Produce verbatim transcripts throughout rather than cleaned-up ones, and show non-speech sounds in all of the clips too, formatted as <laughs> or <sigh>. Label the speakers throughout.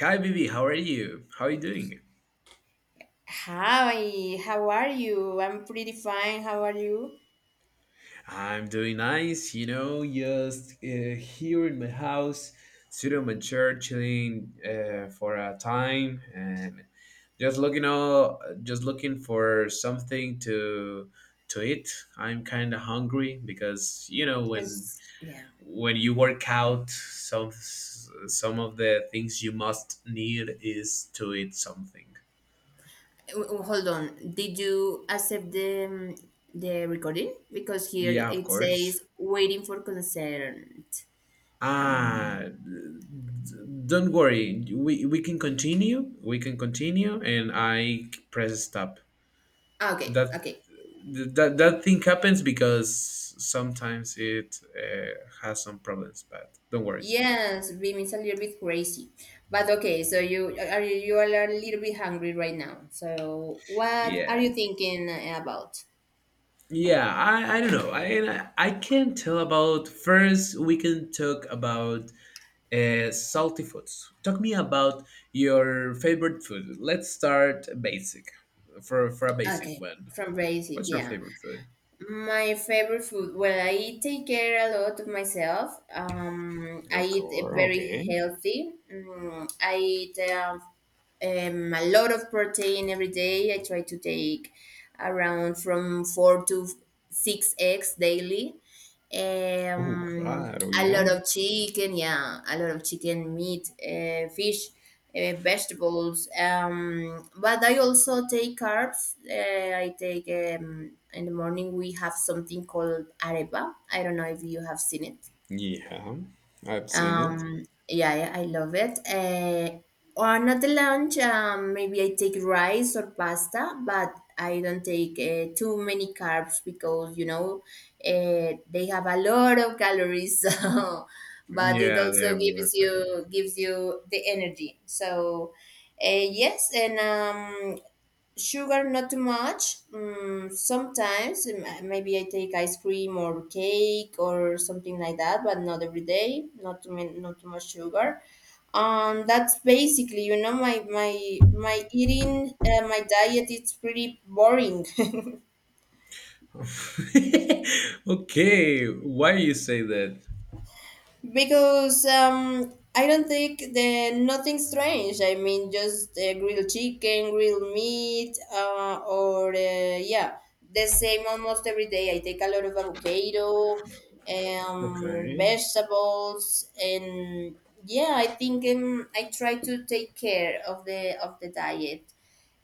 Speaker 1: Hi, Bibi. How are you? How are you doing?
Speaker 2: Hi, how are you? I'm pretty fine. How are you?
Speaker 1: I'm doing nice. You know, just uh, here in my house, sitting on my chair, chilling uh, for a time, and just looking all, just looking for something to to eat. I'm kind of hungry because you know when
Speaker 2: It's, yeah.
Speaker 1: when you work out, some some of the things you must need is to eat something.
Speaker 2: W- w- Hold on. Did you accept the um, the recording? Because here
Speaker 1: Yeah, of
Speaker 2: it says
Speaker 1: course.
Speaker 2: waiting for consent. Um,
Speaker 1: Ah, don't worry. We we can continue. We can continue, and I press stop.
Speaker 2: okay,
Speaker 1: That
Speaker 2: okay.
Speaker 1: that that thing happens because sometimes it uh, has some problems, but don't worry.
Speaker 2: Yes, Beam is a little bit crazy, but okay. So you are you, you all are a little bit hungry right now. So what
Speaker 1: Yeah,
Speaker 2: are you thinking about?
Speaker 1: yeah. I I don't know. I I can't tell about. First, we can talk about uh, salty foods. Talk me about your favorite food. Let's start basic, for for a basic
Speaker 2: Okay,
Speaker 1: one.
Speaker 2: from basic,
Speaker 1: What's your
Speaker 2: yeah.
Speaker 1: favorite food?
Speaker 2: My favorite food. Well, I take care a lot of myself. Um, I
Speaker 1: Of
Speaker 2: eat uh,
Speaker 1: course.
Speaker 2: very
Speaker 1: Okay.
Speaker 2: healthy. Mm, I eat um, um, a lot of protein every day. I try to take around from four to six eggs daily,
Speaker 1: Oh
Speaker 2: um,
Speaker 1: God. Oh
Speaker 2: a lot
Speaker 1: yeah.
Speaker 2: of chicken, yeah, a lot of chicken, meat, uh, fish, uh, vegetables. Um, but I also take carbs. Uh, I take um, In the morning we have something called arepa. I don't know if you have seen it.
Speaker 1: Yeah. I've seen it.
Speaker 2: Um, yeah, yeah, I love it. Uh, on at the lunch, um, maybe I take rice or pasta, but I don't take uh, too many carbs because you know uh, they have a lot of calories. <laughs> So, but it
Speaker 1: Yeah, they
Speaker 2: also
Speaker 1: have
Speaker 2: gives
Speaker 1: looked better.
Speaker 2: you gives you the energy. So, uh, yes, and um, sugar, not too much. Mm, sometimes um, maybe I take ice cream or cake or something like that, but not every day. Not too many, not too much sugar. Um, that's basically, you know, my my my eating, uh, my diet. It's pretty boring. <laughs>
Speaker 1: <laughs> okay. Why you say that?
Speaker 2: Because um, I don't think the nothing strange. I mean, just uh, grilled chicken, grilled meat, uh, or uh, yeah, the same almost every day. I take a lot of avocado, um,
Speaker 1: Okay.
Speaker 2: vegetables, and yeah, I think um, I try to take care of the of the diet.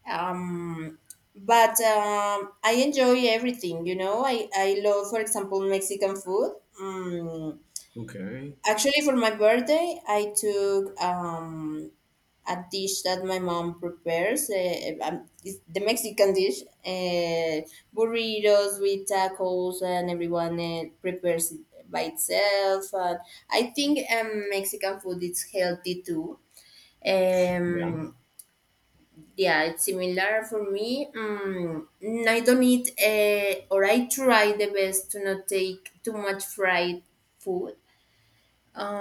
Speaker 2: Um, but um, I enjoy everything. You know, I I love, for example, Mexican food. Mm
Speaker 1: Okay.
Speaker 2: Actually, for my birthday, I took um, a dish that my mom prepares. Uh, um, it's the Mexican dish, uh, burritos with tacos, and everyone uh, prepares it by itself. And I think um, Mexican food is healthy too.
Speaker 1: Yeah.
Speaker 2: Um, yeah, it's similar for me. Um, I don't eat, uh, or I try the best to not take too much fried food.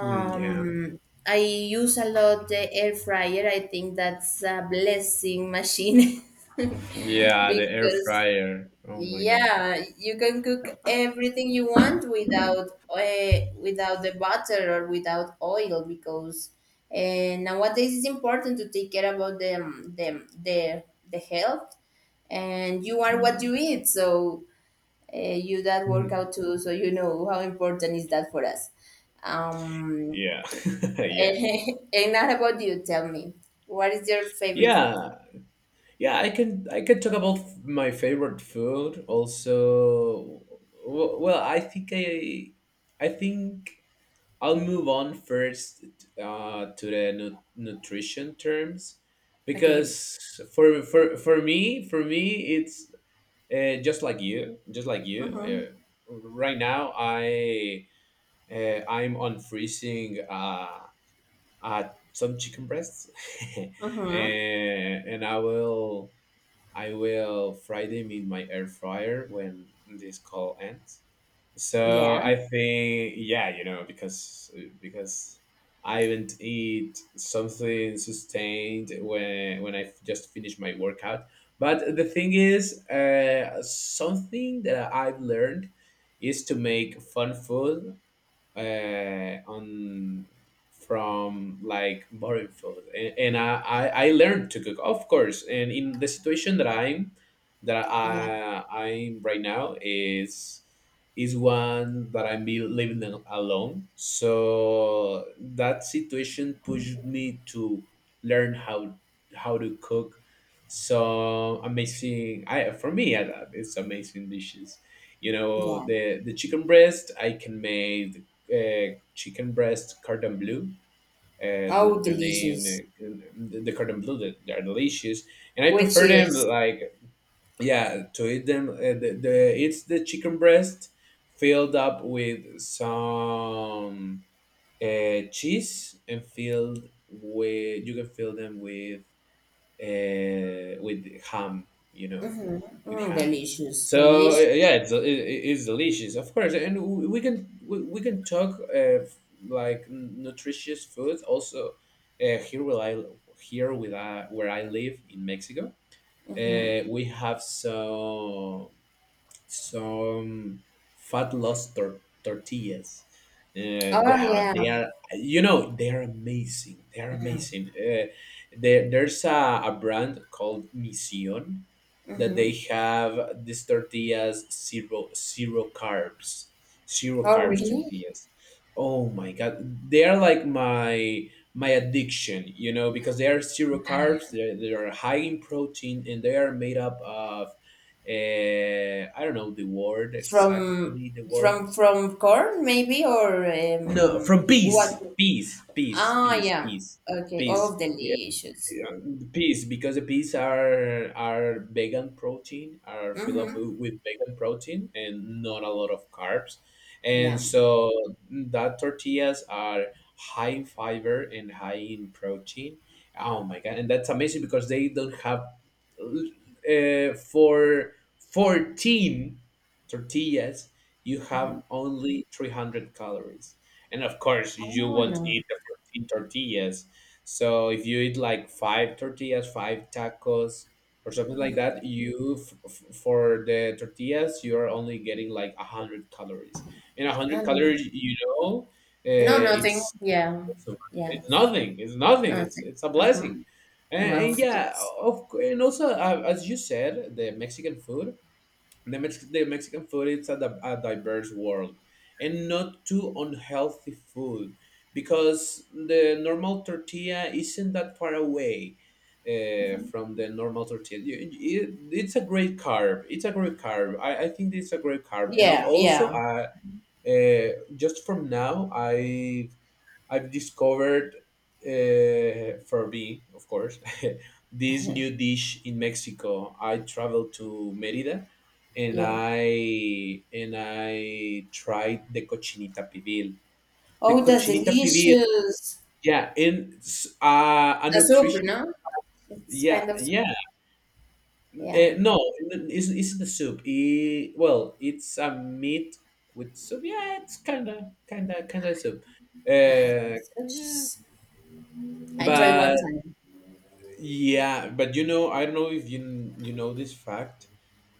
Speaker 1: Mm, yeah.
Speaker 2: I use a lot the air fryer. I think that's a blessing machine <laughs>
Speaker 1: Yeah. The air
Speaker 2: because
Speaker 1: fryer. Oh my God.
Speaker 2: yeah, you can cook everything you want without uh, without the butter or without oil because uh, nowadays it's important to take care about the the the, the health, and you are
Speaker 1: Yeah.
Speaker 2: what you eat. So uh, you that
Speaker 1: Mm,
Speaker 2: workout too. So you know how important is that for us. Um,
Speaker 1: yeah. <laughs> yeah.
Speaker 2: and <laughs> and not about you, tell me, what is your favorite food?
Speaker 1: Yeah, yeah, I can I can talk about f- my favorite food also. w- Well, I think I I think I'll move on first uh, to the nu- nutrition terms
Speaker 2: Okay.
Speaker 1: because for for for me for me it's uh, just like you just like you.
Speaker 2: Mm-hmm.
Speaker 1: Uh, right now I uh, I'm on freezing uh, uh, some chicken breasts <laughs>
Speaker 2: Mm-hmm.
Speaker 1: and and I will I will fry them in my air fryer when this call ends, so
Speaker 2: Yeah.
Speaker 1: I think, yeah, you know, because because I haven't eat something sustained when when I just finished my workout. But the thing is, uh, something that I've learned is to make fun food uh, on from like boring food, and, and I, I I learned to cook, of course, and in the situation that I'm that
Speaker 2: Yeah.
Speaker 1: I I'm right now is is one that I'm be living al- alone, so that situation pushed me to learn how how to cook some amazing, I for me I, it's amazing dishes. You know,
Speaker 2: Yeah.
Speaker 1: the the chicken breast I can make uh, chicken breast cordon bleu. Uh, the,
Speaker 2: Oh,
Speaker 1: their name,
Speaker 2: delicious.
Speaker 1: uh, the, the cordon bleu, they, they are delicious, and I
Speaker 2: Which
Speaker 1: prefer them
Speaker 2: is
Speaker 1: like, yeah, to eat them. Uh, the, the It's the chicken breast filled up with some uh, cheese and filled with, you can fill them with uh, with ham, you know, with
Speaker 2: mm,
Speaker 1: ham.
Speaker 2: delicious.
Speaker 1: So uh,
Speaker 2: Delicious.
Speaker 1: yeah, it's it, it's delicious, of course, and we we can we, we can talk uh, like nutritious food also uh, here where I here with I, where I live in Mexico.
Speaker 2: Mm-hmm.
Speaker 1: Uh, we have some some fat loss tor- tortillas. Uh,
Speaker 2: Oh,
Speaker 1: they have,
Speaker 2: yeah.
Speaker 1: they are, you know, they are amazing. They are amazing. Uh, there, there's a, a brand called Mission that
Speaker 2: Mm-hmm.
Speaker 1: they have these tortillas, zero zero carbs, zero
Speaker 2: Oh,
Speaker 1: carbs
Speaker 2: really?
Speaker 1: tortillas. Oh my god, they are like my my addiction, you know, because they are zero
Speaker 2: I-
Speaker 1: carbs, they they are high in protein, and they are made up of uh, I don't know the word,
Speaker 2: From
Speaker 1: exactly the word.
Speaker 2: from from corn maybe or
Speaker 1: No,
Speaker 2: um
Speaker 1: from
Speaker 2: what?
Speaker 1: peace peace peace
Speaker 2: Ah,
Speaker 1: peace
Speaker 2: yeah.
Speaker 1: peace
Speaker 2: Okay. Oh,
Speaker 1: peace
Speaker 2: delicious.
Speaker 1: yeah, peas, because the peas are are vegan protein, are filled up
Speaker 2: Mm-hmm.
Speaker 1: with vegan protein and not a lot of carbs, and
Speaker 2: Yeah.
Speaker 1: so that tortillas are high in fiber and high in protein. Oh my god, and that's amazing, because they don't have uh, for fourteen tortillas you have only three hundred calories. And of course you
Speaker 2: Oh
Speaker 1: won't
Speaker 2: no.
Speaker 1: eat the fourteen tortillas, so if you eat like five tortillas, five tacos, or something like that, you, f- f- for the tortillas you are only getting like a hundred calories. And a hundred
Speaker 2: Mm.
Speaker 1: calories, you know,
Speaker 2: No,
Speaker 1: uh,
Speaker 2: nothing.
Speaker 1: it's
Speaker 2: Yeah,
Speaker 1: it's
Speaker 2: yes,
Speaker 1: nothing. It's nothing. It's
Speaker 2: nothing.
Speaker 1: it's a
Speaker 2: Mm-hmm.
Speaker 1: blessing. And,
Speaker 2: Well,
Speaker 1: and yeah,
Speaker 2: yes.
Speaker 1: of cou- and also, uh, as you said, the Mexican food. The, Mex- the Mexican food is a, di- a diverse world and not too unhealthy food, because the normal tortilla isn't that far away uh, from the normal tortilla. You- it- it's a great carb. It's a great carb. I, I think it's a great carb. And I'll
Speaker 2: Yeah,
Speaker 1: also,
Speaker 2: yeah,
Speaker 1: uh, uh, just from now, I I've discovered, uh, for me, of course, <laughs> this new dish in Mexico. I traveled to Merida, and
Speaker 2: yeah.
Speaker 1: I and I tried the cochinita pibil. The
Speaker 2: Oh, that's
Speaker 1: cochinita pibil,
Speaker 2: delicious.
Speaker 1: yeah, and s- uh, a
Speaker 2: A soup,
Speaker 1: nutrition,
Speaker 2: no? It's
Speaker 1: yeah,
Speaker 2: kind of soup.
Speaker 1: yeah.
Speaker 2: Yeah,
Speaker 1: Uh, no, n- it's, it's the soup. It, well, it's a meat with soup. Yeah, it's kind of, kind of, kind of soup.
Speaker 2: I,
Speaker 1: Uh, kinda,
Speaker 2: I tried one
Speaker 1: but
Speaker 2: time.
Speaker 1: Yeah, but you know, I don't know if you you know this fact.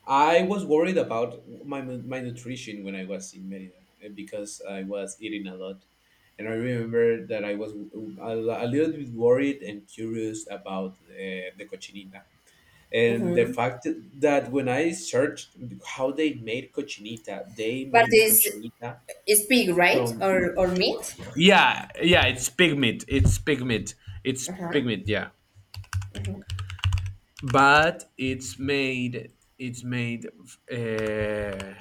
Speaker 1: I was worried about my my nutrition when I was in Merida, eh, because I was eating a lot, and I remember that I was a, a little bit worried and curious about uh, the cochinita. And the
Speaker 2: Mm-hmm.
Speaker 1: fact that when I searched how they made cochinita, they
Speaker 2: But
Speaker 1: made the
Speaker 2: this
Speaker 1: cochinita
Speaker 2: is pig, right?
Speaker 1: from,
Speaker 2: Or or meat?
Speaker 1: yeah, yeah, it's pig meat. It's pig meat. It's
Speaker 2: Uh-huh.
Speaker 1: pig meat. Yeah. But it's made it's made uh,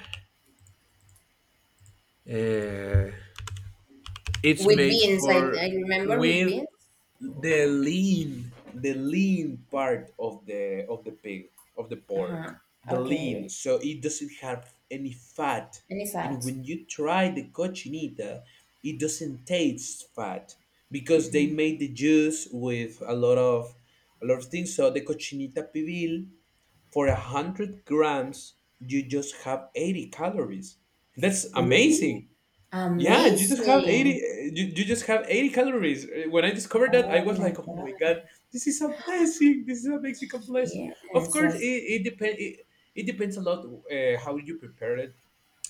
Speaker 1: uh, it's
Speaker 2: With
Speaker 1: made
Speaker 2: beans, I, I
Speaker 1: for,
Speaker 2: remember with
Speaker 1: with
Speaker 2: beans.
Speaker 1: the lean, the lean part of the of the pig, of the pork,
Speaker 2: Uh-huh.
Speaker 1: the lean,
Speaker 2: Okay.
Speaker 1: so it doesn't have any fat.
Speaker 2: Any
Speaker 1: And
Speaker 2: fat?
Speaker 1: when you try the cochinita, it doesn't taste fat, because they made the juice with a lot of, a lot of things. So the cochinita pibil, for a hundred grams, you just have eighty calories. That's
Speaker 2: Really?
Speaker 1: amazing. Yeah, you just have
Speaker 2: Amazing.
Speaker 1: eighty. You, you just have eighty calories. When I discovered that, I
Speaker 2: Oh
Speaker 1: was
Speaker 2: my
Speaker 1: like, "Oh my
Speaker 2: gosh.
Speaker 1: god, this is a blessing. This is a Mexican blessing." Of
Speaker 2: Yes.
Speaker 1: course, it
Speaker 2: Of
Speaker 1: it depends. It, it depends a lot, uh, how you prepare it,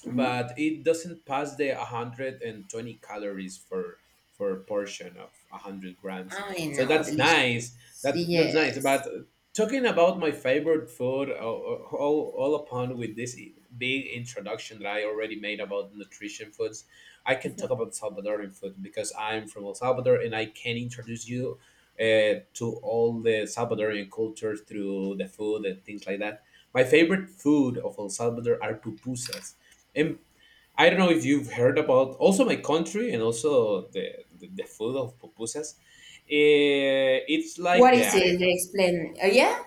Speaker 2: Mhm.
Speaker 1: but it doesn't pass the one hundred twenty calories for for a portion of one hundred grams.
Speaker 2: I
Speaker 1: So
Speaker 2: know,
Speaker 1: that's
Speaker 2: delicious.
Speaker 1: nice, that's that's nice.
Speaker 2: Yes.
Speaker 1: But talking about my favorite food, uh, uh, all, all upon with this big introduction that I already made about nutrition foods, I can talk about Salvadoran food, because I'm from El Salvador and I can introduce you uh, to all the Salvadorian culture through the food and things like that. My favorite food of El Salvador are pupusas. And I don't know if you've heard about also my country and also the the, the food of pupusas. Eh, it's
Speaker 2: What
Speaker 1: like the
Speaker 2: is it? They
Speaker 1: arepas.
Speaker 2: explain. Oh, yeah,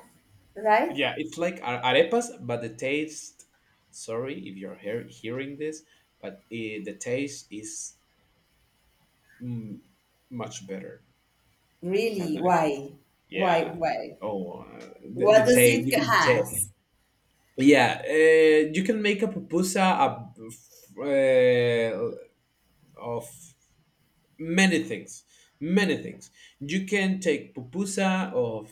Speaker 2: right?
Speaker 1: Yeah, it's like a- arepas, but the taste. Sorry if you're hear, hearing this, but eh, the taste is, mm, much better than
Speaker 2: Really?
Speaker 1: arepas.
Speaker 2: Why? Why?
Speaker 1: Yeah.
Speaker 2: Why?
Speaker 1: Oh, uh, the,
Speaker 2: What
Speaker 1: the
Speaker 2: does
Speaker 1: taste
Speaker 2: it
Speaker 1: you can taste.
Speaker 2: has?
Speaker 1: Yeah, uh, you can make a pupusa, a, uh, of many things, many things you can take pupusa of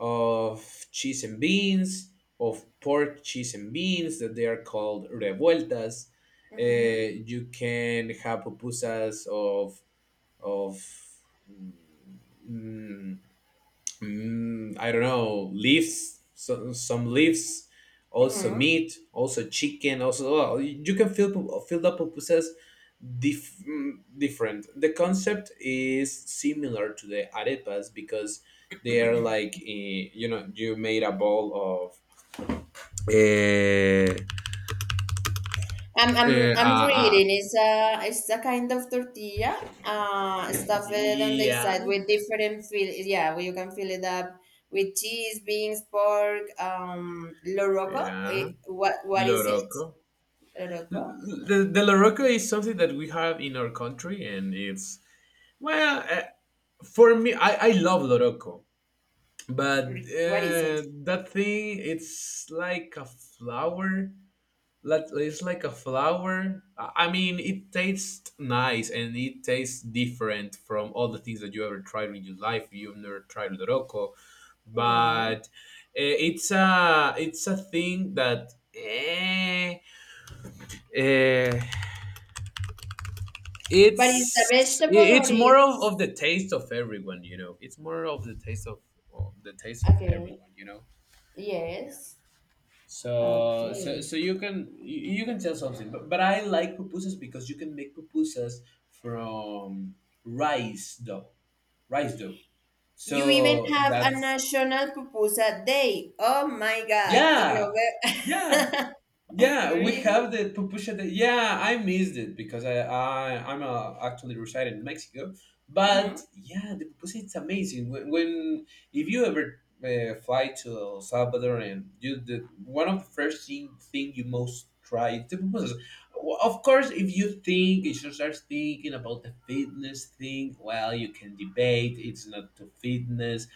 Speaker 1: of cheese and beans, of pork, cheese and beans, that they are called revueltas. Uh,
Speaker 2: Hmm.
Speaker 1: you can have pupusas of, of mm, mm, I don't know, leaves, so some leaves, also
Speaker 2: Hmm.
Speaker 1: meat, also chicken, also, oh, you can fill pu- fill up pupusas, dif- mm, different. The concept is similar to the arepas, because they are like, eh, you know, you made a ball of, eh,
Speaker 2: I'm, I'm,
Speaker 1: eh, uh,
Speaker 2: I'm
Speaker 1: uh,
Speaker 2: reading. It's a, it's a kind of tortilla, uh, stuffed on the
Speaker 1: yeah,
Speaker 2: side with different fill. Yeah, where you can fill it up with cheese, beans, pork, um, loroco.
Speaker 1: yeah,
Speaker 2: Eh, What, what is it?
Speaker 1: loroco. L-
Speaker 2: Loroco?
Speaker 1: l- The, the loroco is something that we have in our country, and it's, well, uh, for me, I, I love loroco, but
Speaker 2: What is it?
Speaker 1: uh, that thing it's like a flower, like, it's like a flower. I I mean, it tastes nice and it tastes different from all the things that you ever tried in your life. You've never tried loroco,
Speaker 2: No.
Speaker 1: but eh, it's a it's a thing that, eh, eh,
Speaker 2: But is the
Speaker 1: it's, i-
Speaker 2: vegetable, or
Speaker 1: it's more of, of
Speaker 2: it's
Speaker 1: the taste of everyone. You know, it's more of the taste of, of the taste of
Speaker 2: okay?
Speaker 1: everyone. You know. Yeah.
Speaker 2: Yes.
Speaker 1: So, so,
Speaker 2: Okay.
Speaker 1: so you can, you, you can tell something, but, but I like pupusas because you can make pupusas from rice dough, rice dough.
Speaker 2: You even
Speaker 1: So
Speaker 2: have a
Speaker 1: that's,
Speaker 2: national pupusa day. Oh my God. In
Speaker 1: yeah, yeah.
Speaker 2: November. <laughs>
Speaker 1: Yeah, we
Speaker 2: Really?
Speaker 1: have the pupusa. That, yeah, I missed it because, I, I I'm uh, actually residing in Mexico. But
Speaker 2: Mm-hmm.
Speaker 1: yeah, the pupusa, it's amazing. When, when if you ever uh, fly to El Salvador, and you the one of the first thing thing you most try is the pupusas. Well, of course, if you think, if you start thinking about the fitness thing, well, you can debate. It's not to fitness,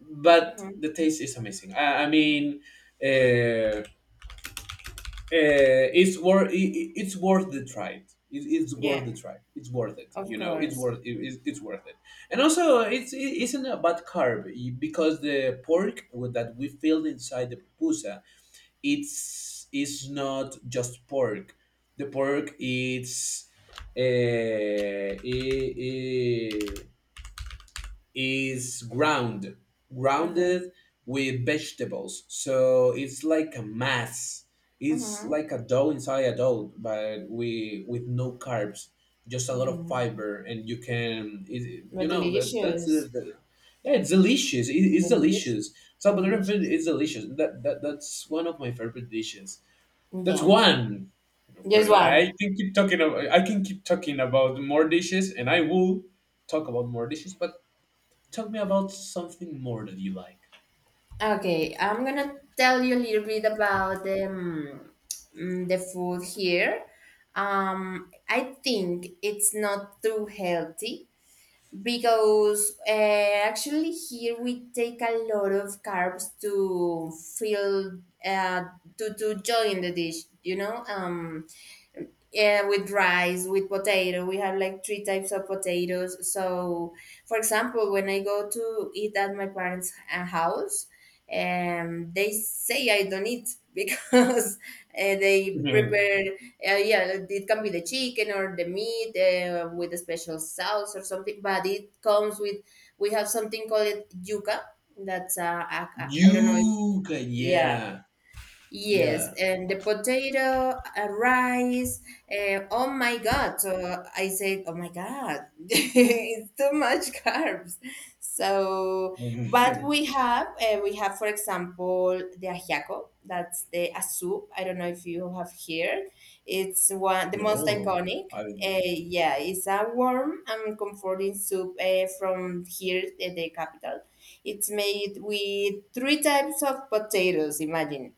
Speaker 1: but
Speaker 2: Mm-hmm.
Speaker 1: the taste is amazing. I, I mean. Uh, uh, it's worth it, it's worth the try. It, it's
Speaker 2: Yeah,
Speaker 1: worth the try. It's worth it.
Speaker 2: of
Speaker 1: You know, it's
Speaker 2: course.
Speaker 1: worth it, it's it's worth it. And also, it's it isn't a bad carb, y- because the pork with- that we filled inside the pupusa, it's it's not just pork. The pork it's, uh, I I is ground,
Speaker 2: Okay.
Speaker 1: grounded with vegetables. So it's like a mass. It's
Speaker 2: Mm-hmm.
Speaker 1: like a dough inside a dough, but we with no carbs, just a lot of
Speaker 2: Mm-hmm.
Speaker 1: fiber, and you can, it, you
Speaker 2: But
Speaker 1: know, that that's
Speaker 2: delicious.
Speaker 1: the, the- yeah, it's delicious. It, it's
Speaker 2: Delicious.
Speaker 1: delicious. Salvadoran food
Speaker 2: Delicious.
Speaker 1: is delicious. That, that that's one of my favorite dishes. That's
Speaker 2: Yeah.
Speaker 1: one. Of
Speaker 2: Just
Speaker 1: course, I
Speaker 2: one.
Speaker 1: can keep talking. About, I can keep talking about more dishes, and I will talk about more dishes. But tell me about something more that you like.
Speaker 2: Okay, I'm gonna tell you a little bit about the um, mm, the food here. Um, I think it's not too healthy because uh, actually here we take a lot of carbs to fill uh, to to join the dish. You know, um, yeah, with rice, with potato. We have like three types of potatoes. So, for example, when I go to eat at my parents' uh, house, um, they say I don't eat <laughs> because uh, they
Speaker 1: Mhm.
Speaker 2: prepare. Uh, yeah, it can be the chicken or the meat uh, with a special sauce or something. But it comes with we have something called yuca. That's uh, a, a, I don't know if,
Speaker 1: You can,
Speaker 2: yeah.
Speaker 1: yeah,
Speaker 2: Yes,
Speaker 1: yeah.
Speaker 2: and the potato, uh, rice. Uh, oh my God. So I said, oh my God, <laughs> it's too much carbs. So, but
Speaker 1: Mhm.
Speaker 2: we have, uh, we have, for example, the ajiaco. That's the a soup. I don't know if you have here. It's one, the most
Speaker 1: No,
Speaker 2: iconic.
Speaker 1: I didn't
Speaker 2: Uh,
Speaker 1: hear.
Speaker 2: yeah, it's a warm and comforting soup, uh, from here, the, the capital. It's made with three types of potatoes, imagine,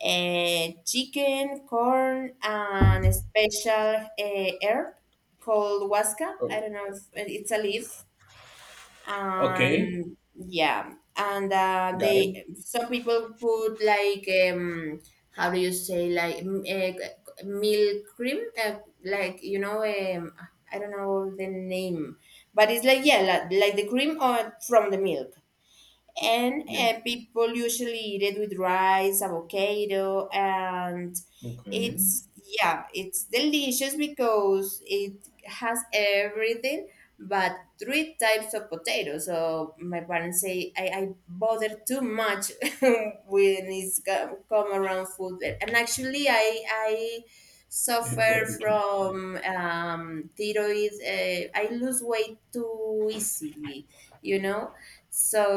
Speaker 2: eh, chicken, corn, and a special uh, herb called huasca.
Speaker 1: Oh,
Speaker 2: I don't know if eh, it's a leaf.
Speaker 1: okay,
Speaker 2: And yeah, and uh,
Speaker 1: got it.
Speaker 2: they some people put like, um, how do you say like m- eh, milk cream, uh, like you know um, I don't know the name, but it's like yeah, like, like the cream or from the milk, and
Speaker 1: Yeah.
Speaker 2: uh, people usually eat it with rice, avocado, and
Speaker 1: Okay. <laughs>
Speaker 2: it's yeah, it's delicious because it has everything but three types of potatoes. So my parents say I, I bother too much <laughs> when it's co- come around food, and actually I I
Speaker 1: Yeah,
Speaker 2: suffer
Speaker 1: Waterton. Yeah.
Speaker 2: from um, thyroid. Uh, I lose weight too easily, you know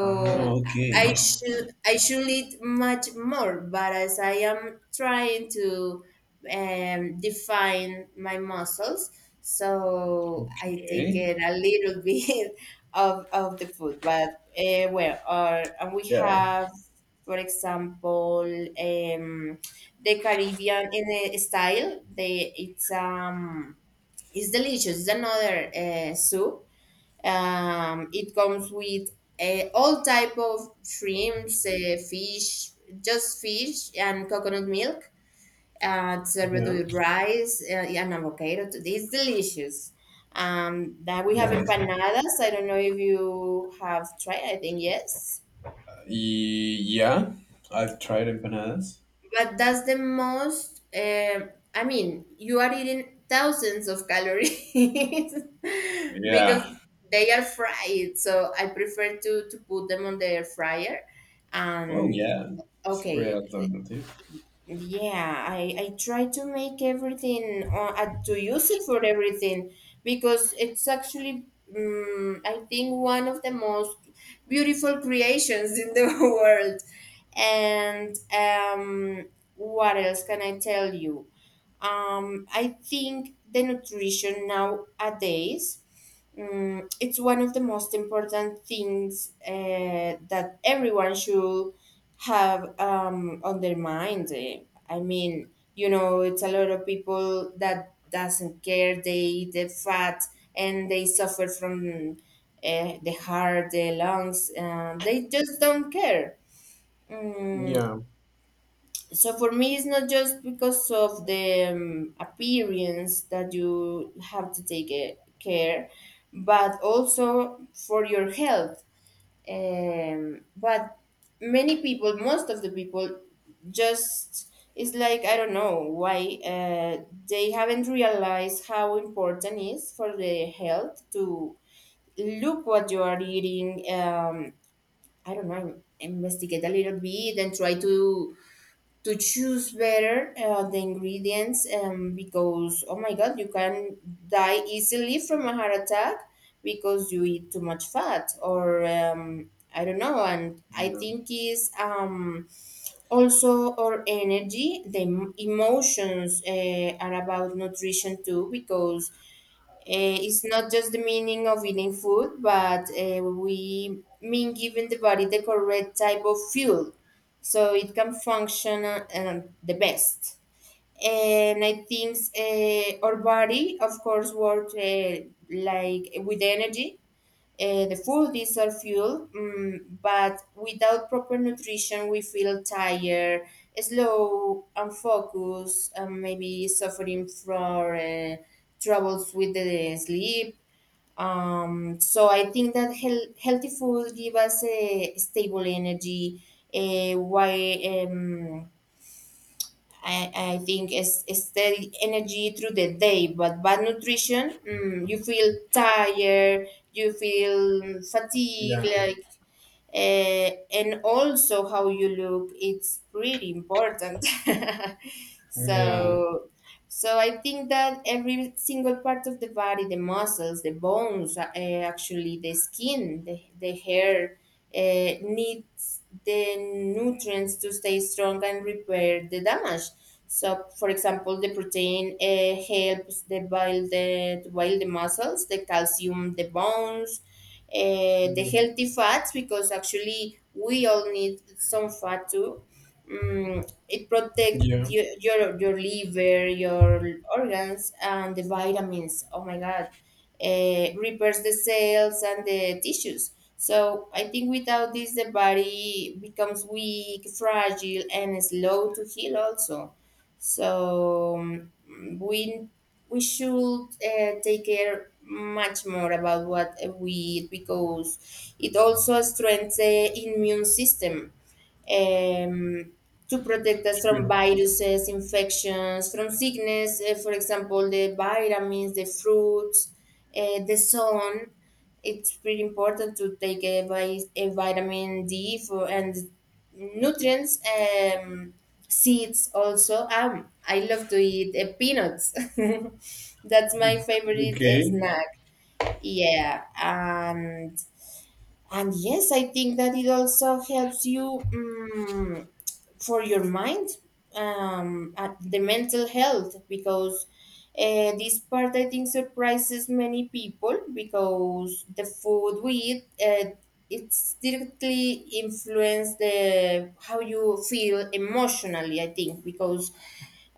Speaker 1: Ah, okay.
Speaker 2: i should i should eat much more, but as I am trying to um, define my muscles, so I take
Speaker 1: Okay.
Speaker 2: it a little <laughs> bit of, of the food. But uh, well or and we
Speaker 1: Yeah.
Speaker 2: have, for example, um, the Caribbean in a style. They it's um It's delicious. It's another uh, soup. Um, it comes with uh, all type of shrimps, uh, fish, just fish and coconut milk. Uh, served
Speaker 1: Yeah.
Speaker 2: with rice, uh, and avocado. It's delicious. Um, that we have
Speaker 1: Yeah.
Speaker 2: empanadas. I don't know if you have tried. I think yes.
Speaker 1: Y- Yeah. I've tried empanadas.
Speaker 2: But that's the most, um I mean, you are eating thousands of calories <laughs>
Speaker 1: Yeah.
Speaker 2: because they are fried. So I prefer to, to put them on the air fryer.
Speaker 1: Oh,
Speaker 2: And
Speaker 1: yeah. It's a great
Speaker 2: okay,
Speaker 1: alternative.
Speaker 2: yeah, i i try to make everything or uh, to use it for everything, because it's actually, um, I think, one of the most beautiful creations in the <laughs> world. And um what else can I tell you? um I think the nutrition nowadays, um, it's one of the most important things uh, that everyone should have um, on their mind. eh. I mean, you know, it's a lot of people that doesn't care. They eat the fat, and they suffer from uh, the heart, the lungs. Uh, they just don't care. Mm,
Speaker 1: Yeah.
Speaker 2: so for me, it's not just because of the um, appearance that you have to take eh, care, but also for your health. Um, but many people most of the people, just, it's like I don't know why uh, they haven't realized how important it is for the health to look what you are eating. um, I don't know, investigate a little bit and try to to choose better uh, the ingredients, um, because oh my God, you can die easily from a heart attack because you eat too much fat, or um, I don't know. And I
Speaker 1: Yeah.
Speaker 2: think is, um, also our energy, the em- emotions, uh, are about nutrition too, because uh, it's not just the meaning of eating food, but uh, we mean giving the body the correct type of fuel so it can function uh, um, the best. And I think uh, our body, of course, works uh, like with energy, uh, the full diesel fuel, mm, but without proper nutrition, we feel tired, slow, unfocused, and maybe suffering from uh, troubles with the sleep. Um, so I think that heal- healthy food give us a stable energy, uh, why um, I, I think it's, it's steady energy through the day, but bad nutrition, mm, you feel tired, you feel fatigue, like, uh, and also how you look it's pretty important. <laughs>
Speaker 1: Yeah.
Speaker 2: so so I think that every single part of the body, the muscles, the bones, uh, eh, actually the skin, the, the hair, uh, needs the nutrients to stay strong and repair the damage. So, for example, the protein uh, helps the build the to build the muscles, the calcium the bones, uh, the
Speaker 1: Yeah.
Speaker 2: healthy fats, because actually we all need some fat too. Mm, it protects
Speaker 1: Yeah,
Speaker 2: your, your your liver, your organs, and the vitamins. Oh my God, uh, repairs the cells and the tissues. So I think without this, the body becomes weak, fragile, and slow to heal also. So mm, we we should uh, take care much more about what we eat because it also strengthens the immune system, um, to protect us from
Speaker 1: sure.
Speaker 2: viruses, infections, from sickness. eh, for example, the vitamins, the fruits, uh, the sun. It's pretty important to take a, vi- a vitamin D for and nutrients. Um, seeds also, um I love to eat uh, peanuts <laughs> that's my favorite uh,
Speaker 1: Okay.
Speaker 2: snack, yeah. And and yes, I think that it also helps you, um, for your mind, um, at the mental health, because uh, this part, I think, surprises many people, because the food we eat, uh, it's directly influence the how you feel emotionally, I think, because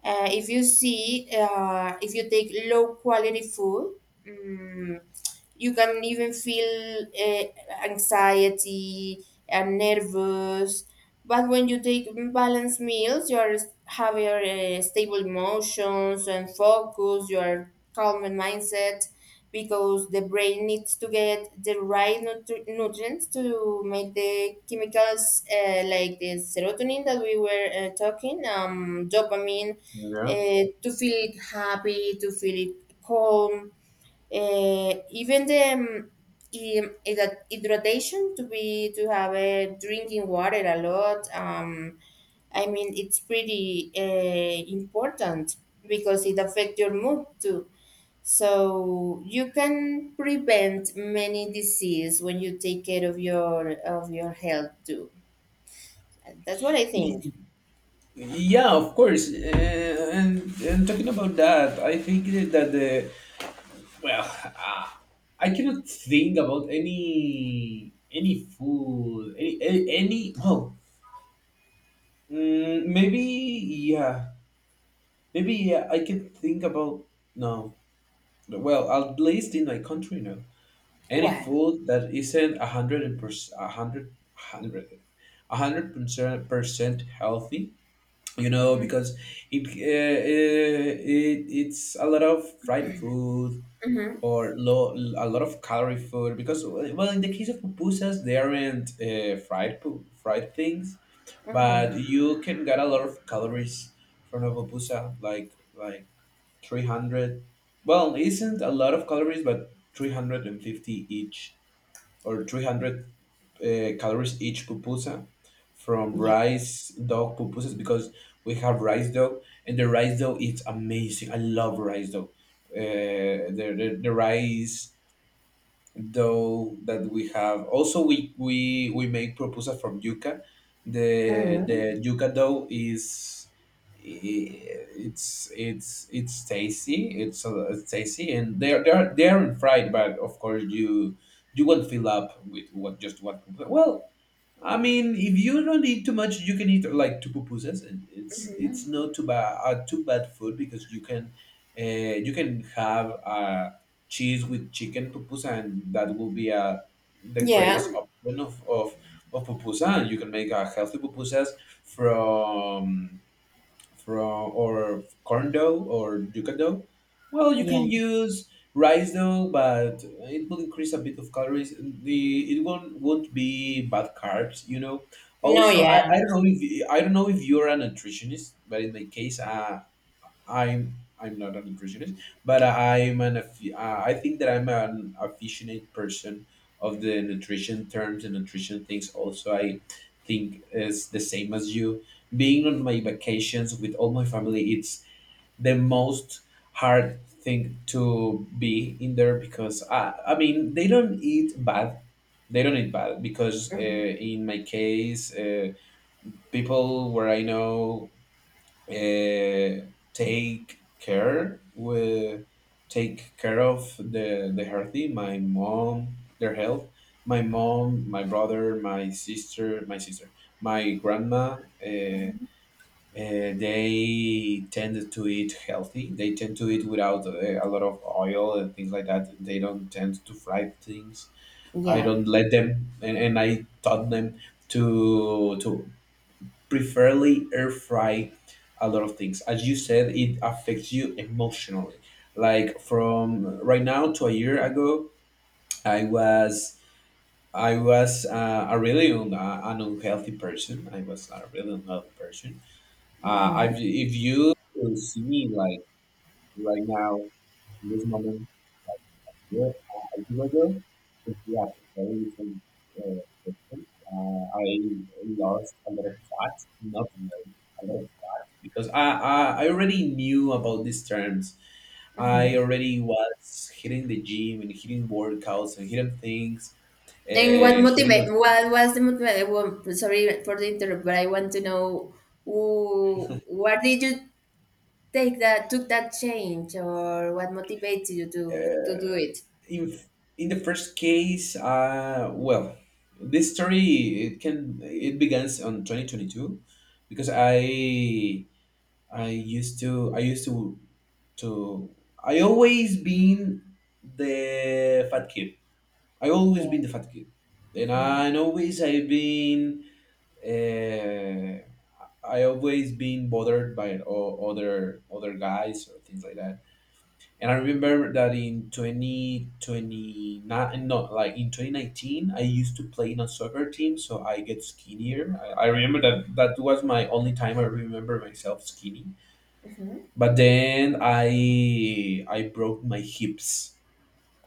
Speaker 2: uh, if you see, uh, if you take low quality food, mm, you can even feel uh, anxiety and nervous. But when you take balanced meals, you are have your uh, stable emotions and focus, your calm and mindset, because the brain needs to get the right nutri- nutrients to make the chemicals, uh, like the serotonin that we were uh, talking, um, dopamine,
Speaker 1: Yeah.
Speaker 2: uh, to feel happy, to feel calm, uh, even the um, hyd- hyd- hydration, to be to have a drinking water a lot. Um, I mean, it's pretty uh, important, because it affects your mood too. So you can prevent many disease when you take care of your of your health too. That's what I think.
Speaker 1: Y- Yeah, of course. Uh, and, and talking about that, I think that that the well, uh, I cannot think about any any food, any a- any. Oh, mm, maybe yeah, maybe yeah. I can think about no. Well, at least in my country, no. Any
Speaker 2: Well.
Speaker 1: food that isn't a hundred and percent a hundred hundred a hundred percent percent healthy, you know,
Speaker 2: Mm-hmm.
Speaker 1: because it, uh, uh, it it's a lot of fried food
Speaker 2: Mm-hmm.
Speaker 1: or low a lot of calorie food. Because well, in the case of pupusas, they aren't uh, fried pu- fried things,
Speaker 2: Hmm.
Speaker 1: but you can get a lot of calories from a pupusa, like like three hundred. Well, it isn't a lot of calories, but three hundred fifty each or three hundred uh, calories each pupusa, from
Speaker 2: Yeah.
Speaker 1: rice dough pupusas. Because we have rice dough, and the rice dough is amazing. I love rice dough. Uh, the, the the rice though that we have also, we we we make pupusa from yuca. The the
Speaker 2: Mm-hmm.
Speaker 1: yuca dough is it's it's it's tasty, it's, uh, it's tasty, and they're they're they're fried. But of course, you you won't fill up with what just one pupusa. Well, I mean, if you don't eat too much, you can eat like two pupusas, and it's it's not too bad, uh, too bad food, because you can uh, you can have uh, cheese with chicken pupusa, and that will be uh, the
Speaker 2: Yeah.
Speaker 1: greatest option of of of pupusa. And you can make uh, healthy pupusas from from or corn dough or yuca dough. Well, you can
Speaker 2: Yeah.
Speaker 1: use rice dough, but it will increase a bit of calories. The It won't won't be bad carbs, you know.
Speaker 2: No,
Speaker 1: Also, I, I
Speaker 2: yeah.
Speaker 1: don't know if I don't know if you're a nutritionist, but in my case, uh, I'm I'm not a nutritionist, but I'm an affi- uh, I think that I'm an aficionate person of the nutrition terms and nutrition things. Also, I think is the same as you. Being on my vacations with all my family, it's the most hard thing to be in there, because I, I mean, they don't eat bad. They don't eat bad because uh, in my case, uh, people where I know uh, take care with take care of the the healthy my mom their health, my mom, my brother, my sister, my sister my grandma, uh, uh, they tend to eat healthy, they tend to eat without uh, a lot of oil and things like that. They don't tend to fry things. I
Speaker 2: Yeah.
Speaker 1: don't let them, and, and I taught them to to preferably air fry a lot of things. As you said, it affects you emotionally. Like from right now to a year ago, I was I was uh, a really un, uh, an unhealthy person. I was a really unhealthy person. Uh,
Speaker 2: Hmm.
Speaker 1: I've, if you could see me like right now, in this moment. Yes, uh, Algorithm is yeah, very different uh, question. Uh, I lost a lot of facts, not many, a lot of facts because I, I I already knew about these terms. I
Speaker 2: Hmm.
Speaker 1: already was hitting the gym and hitting workouts and hitting things,
Speaker 2: And what
Speaker 1: uh,
Speaker 2: motivate?
Speaker 1: hitting
Speaker 2: What was the motivate? Well, sorry for the interrupt, but I want to know who, where did you take that took that change, or what motivates you to to
Speaker 1: uh,
Speaker 2: do it?
Speaker 1: in in the first case, uh, well, this story it can it begins on twenty twenty-two, because I I used to I used to to I always been the fat kid. I always
Speaker 2: Yeah.
Speaker 1: been the fat kid, and
Speaker 2: Hmm.
Speaker 1: I and always I've been, uh, I always been bothered by o- other other guys or things like that. And I remember that in twenty twenty nine, no, like in twenty nineteen, I used to play in a soccer team, so I get skinnier. I, I remember that that was my only time I remember myself skinny.
Speaker 2: Hmm.
Speaker 1: But then I I broke my hips,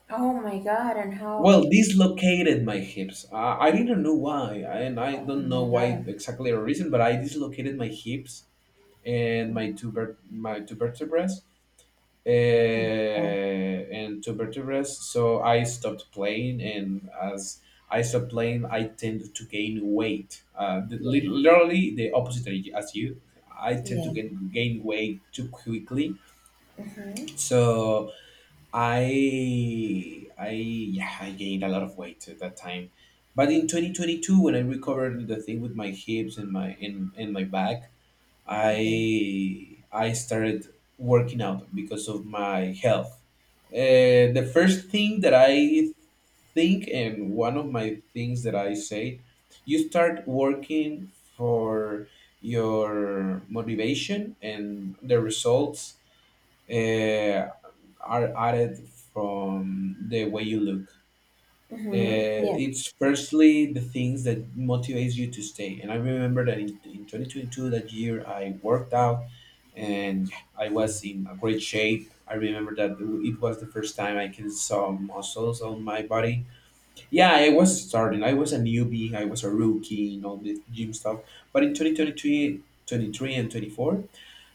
Speaker 2: Oh my God! And how?
Speaker 1: well, dislocated my hips. i, I didn't know why, and I
Speaker 2: Oh
Speaker 1: don't know
Speaker 2: my
Speaker 1: why
Speaker 2: God!
Speaker 1: exactly the reason, but I dislocated my hips and my two ver- my two vertebrae, uh,
Speaker 2: Oh my God!
Speaker 1: and two vertebrae so I stopped playing, and as I stopped playing, I tend to gain weight. Uh, the- li-
Speaker 2: Yeah.
Speaker 1: literally the opposite as you. I tend to
Speaker 2: Yeah.
Speaker 1: gain, gain weight too quickly.
Speaker 2: Hmm.
Speaker 1: So I I, yeah, I gained a lot of weight at that time. But in twenty twenty-two, when I recovered the thing with my hips and my in and my back,
Speaker 2: Okay.
Speaker 1: I I started working out because of my health. Uh, the first thing that I think and one of my things that I say, you start working for your motivation and the results uh, are added from the way you look.
Speaker 2: Hmm.
Speaker 1: Uh,
Speaker 2: Yeah.
Speaker 1: it's firstly the things that motivates you to stay. And I remember that in, in twenty twenty-two, that year, I worked out, and I was in a great shape. I remember that it was the first time I can saw muscles on my body. Yeah, I was starting. I was a newbie. I was a rookie in all the gym stuff. But in twenty twenty-three and twenty-four,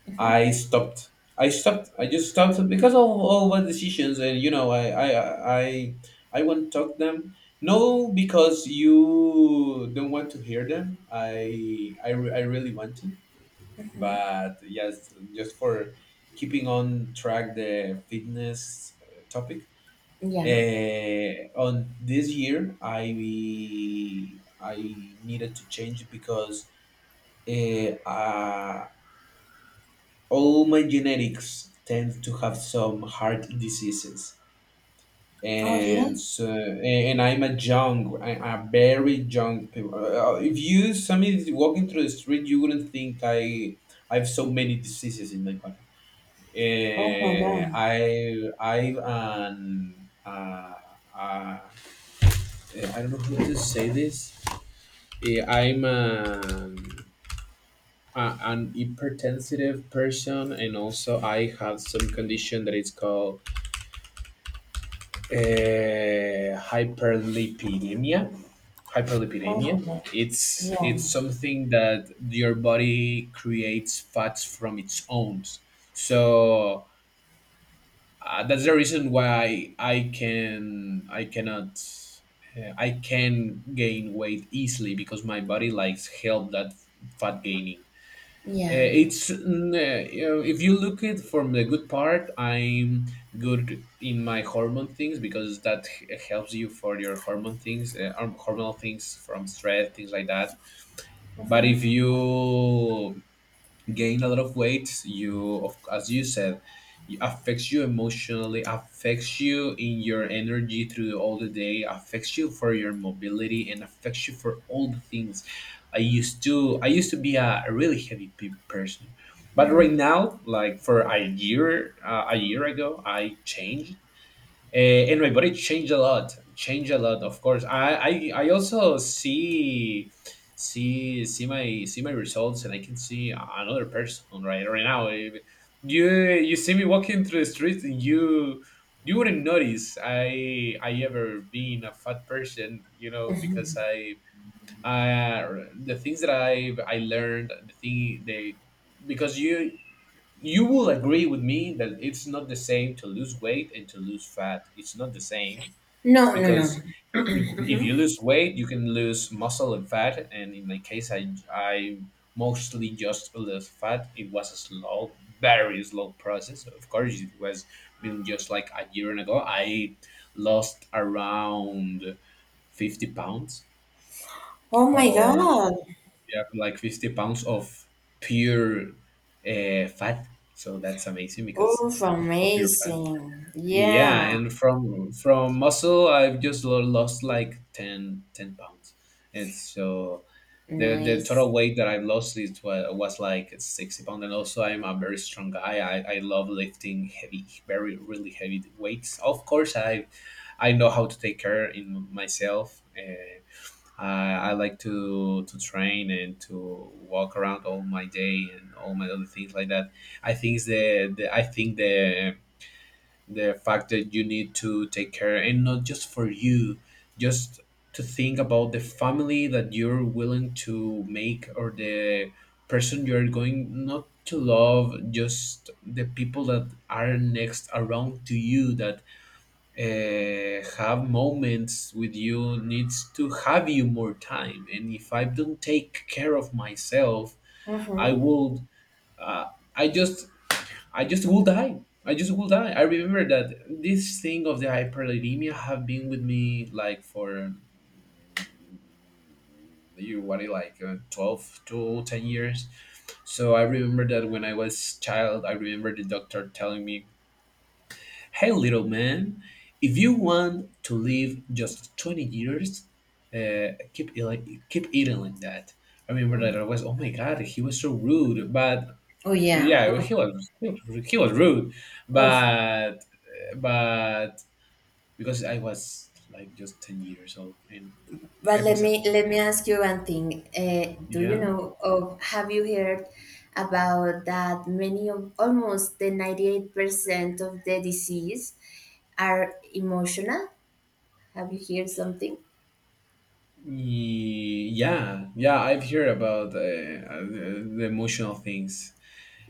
Speaker 2: Hmm.
Speaker 1: I stopped. I stopped. I just stopped because of all the decisions, and you know, I I I I won't talk them. No, because you don't want to hear them. I I, re- I really want to, but yes, just for keeping on track the fitness uh, topic.
Speaker 2: Yeah.
Speaker 1: Uh, on this year, I I needed to change because uh, uh, all my genetics tend to have some heart diseases.
Speaker 2: Oh yeah.
Speaker 1: And so, and I'm a young, I am a very young people. Uh, if you somebody is walking through the street, you wouldn't think i I have so many diseases in my body.
Speaker 2: Oh my
Speaker 1: uh,
Speaker 2: God.
Speaker 1: i I've an, uh, uh, I don't know how to say this. Eh, I'm an a- an hypertensive person, and also I have some condition that is called, uh, hyperlipidemia.
Speaker 2: Oh my
Speaker 1: Hyperlipidemia.
Speaker 2: God.
Speaker 1: It's
Speaker 2: Yeah.
Speaker 1: it's something that your body creates fats from its own. So uh, that's the reason why I can I cannot, uh, I can gain weight easily because my body likes help that fat gaining. Uh,
Speaker 2: Yeah.
Speaker 1: it's mm, uh, you know, if you look it from the good part, I'm good in my hormone things because that h- helps you for your hormone things, uh, horm- hormonal things from stress, things like that. But if you gain a lot of weight, you of, as you said, it affects you emotionally, affects you in your energy through all the day, affects you for your mobility, and affects you for all the things. i used to I used to be a, a really heavy pe- person, but right now, like for a year, uh, a year ago, I changed, uh, and my body changed a lot, changed a lot. Of course, I, I, I also see, see, see my, see my results, and I can see another person right, right now. If you, you see me walking through the street, you, you wouldn't notice I, I ever been a fat person, you know, because I, I, the things that I, I learned, the thing they, because you, you will agree with me that it's not the same to lose weight and to lose fat. It's not the same.
Speaker 2: No, no, no.
Speaker 1: Because if, if you lose weight, you can lose muscle and fat. And in my case, I, I mostly just lose fat. It was a slow, very slow process. Of course, it was been just like a year and ago. I lost around fifty pounds,
Speaker 2: Oh my
Speaker 1: or
Speaker 2: God.
Speaker 1: yeah, like fifty pounds of pure, uh, fat. So that's amazing because
Speaker 2: Oh,
Speaker 1: of pure fat.
Speaker 2: amazing.
Speaker 1: Yeah,
Speaker 2: Yeah,
Speaker 1: and from from muscle, I've just lo- lost like ten ten pounds. And so the the
Speaker 2: nice.
Speaker 1: total weight that I've lost is wa- was like sixty pounds. And also, I'm a very strong guy. I, I love lifting heavy, very really heavy weights. Of course, I I know how to take care in myself. Uh, I, I like to to train and to walk around all my day and all my other things like that. I think the, the I think the the fact that you need to take care, and not just for you, just to think about the family that you're willing to make or the person you're going not to love, just the people that are next around to you that uh, have moments with you, needs to have you more time. And if I don't take care of myself, I
Speaker 2: Mm-hmm.
Speaker 1: would, uh, I just, I just will die. I just will die. I remember that this thing of the hyperlipidemia have been with me like for you what like uh, twelve to ten years. So I remember that when I was child, I remember the doctor telling me, "Hey little man, if you want to live just twenty years, uh, keep eat- keep eating like that." I remember that I was, oh my God, he was so rude. But
Speaker 2: Oh yeah.
Speaker 1: yeah,
Speaker 2: Mm.
Speaker 1: he was, he was rude,
Speaker 2: Oof.
Speaker 1: but but because I was like just ten years old and
Speaker 2: But
Speaker 1: I
Speaker 2: let
Speaker 1: was
Speaker 2: me
Speaker 1: a
Speaker 2: let me ask you one thing. Uh, do you
Speaker 1: yeah.
Speaker 2: know of have you heard about that many of almost the ninety-eight percent of the disease are emotional? Have you heard something?
Speaker 1: Yeah yeah I've heard about uh, uh, the emotional things.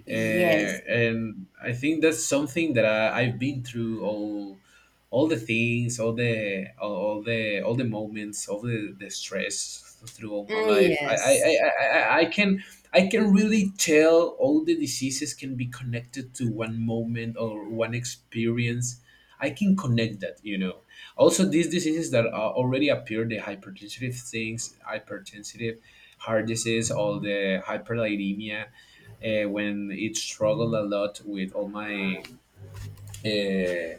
Speaker 1: uh,
Speaker 2: Yes.
Speaker 1: And I think that's something that I, I've been through all all the things, all the all, all the all the moments, all the, the stress through all my
Speaker 2: Mm.
Speaker 1: life. I I, I,
Speaker 2: Yes.
Speaker 1: I I I can I can really tell all the diseases can be connected to one moment or one experience. I can connect that, you know. Also, these diseases that are already appeared, the hypertensive things, hypertensive, heart disease, all the hyperlipidemia, uh, when it struggled a lot with all my uh,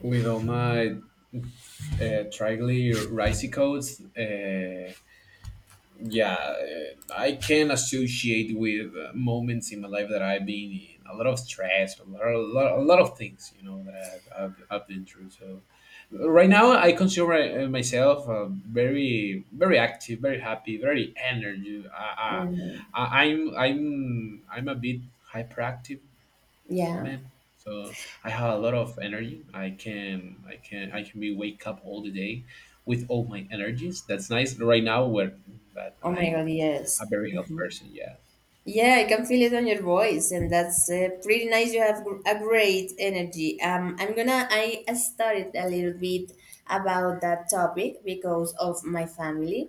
Speaker 1: with all my uh, triglycerides. Uh, yeah, uh, I can associate with uh, moments in my life that I've been in a lot of stress, a lot, a lot, a lot of things, you know, that I've, I've, I've been through. So right now, I consider my- uh, myself uh, very, very active, very happy, very energy. Uh, uh,
Speaker 2: Mhm.
Speaker 1: I- I'm, I'm, I'm a bit hyperactive
Speaker 2: Yeah.
Speaker 1: man. So I have a lot of energy. I can I can I can be wake up all the day with all my energies. That's nice. Right now where that
Speaker 2: Oh my
Speaker 1: I
Speaker 2: God, yes.
Speaker 1: a very health
Speaker 2: Mm-hmm.
Speaker 1: person, yeah.
Speaker 2: Yeah, I can feel it on your voice, and that's uh, pretty nice. You have gr- a great energy. Um, I'm gonna. I studied a little bit about that topic because of my family,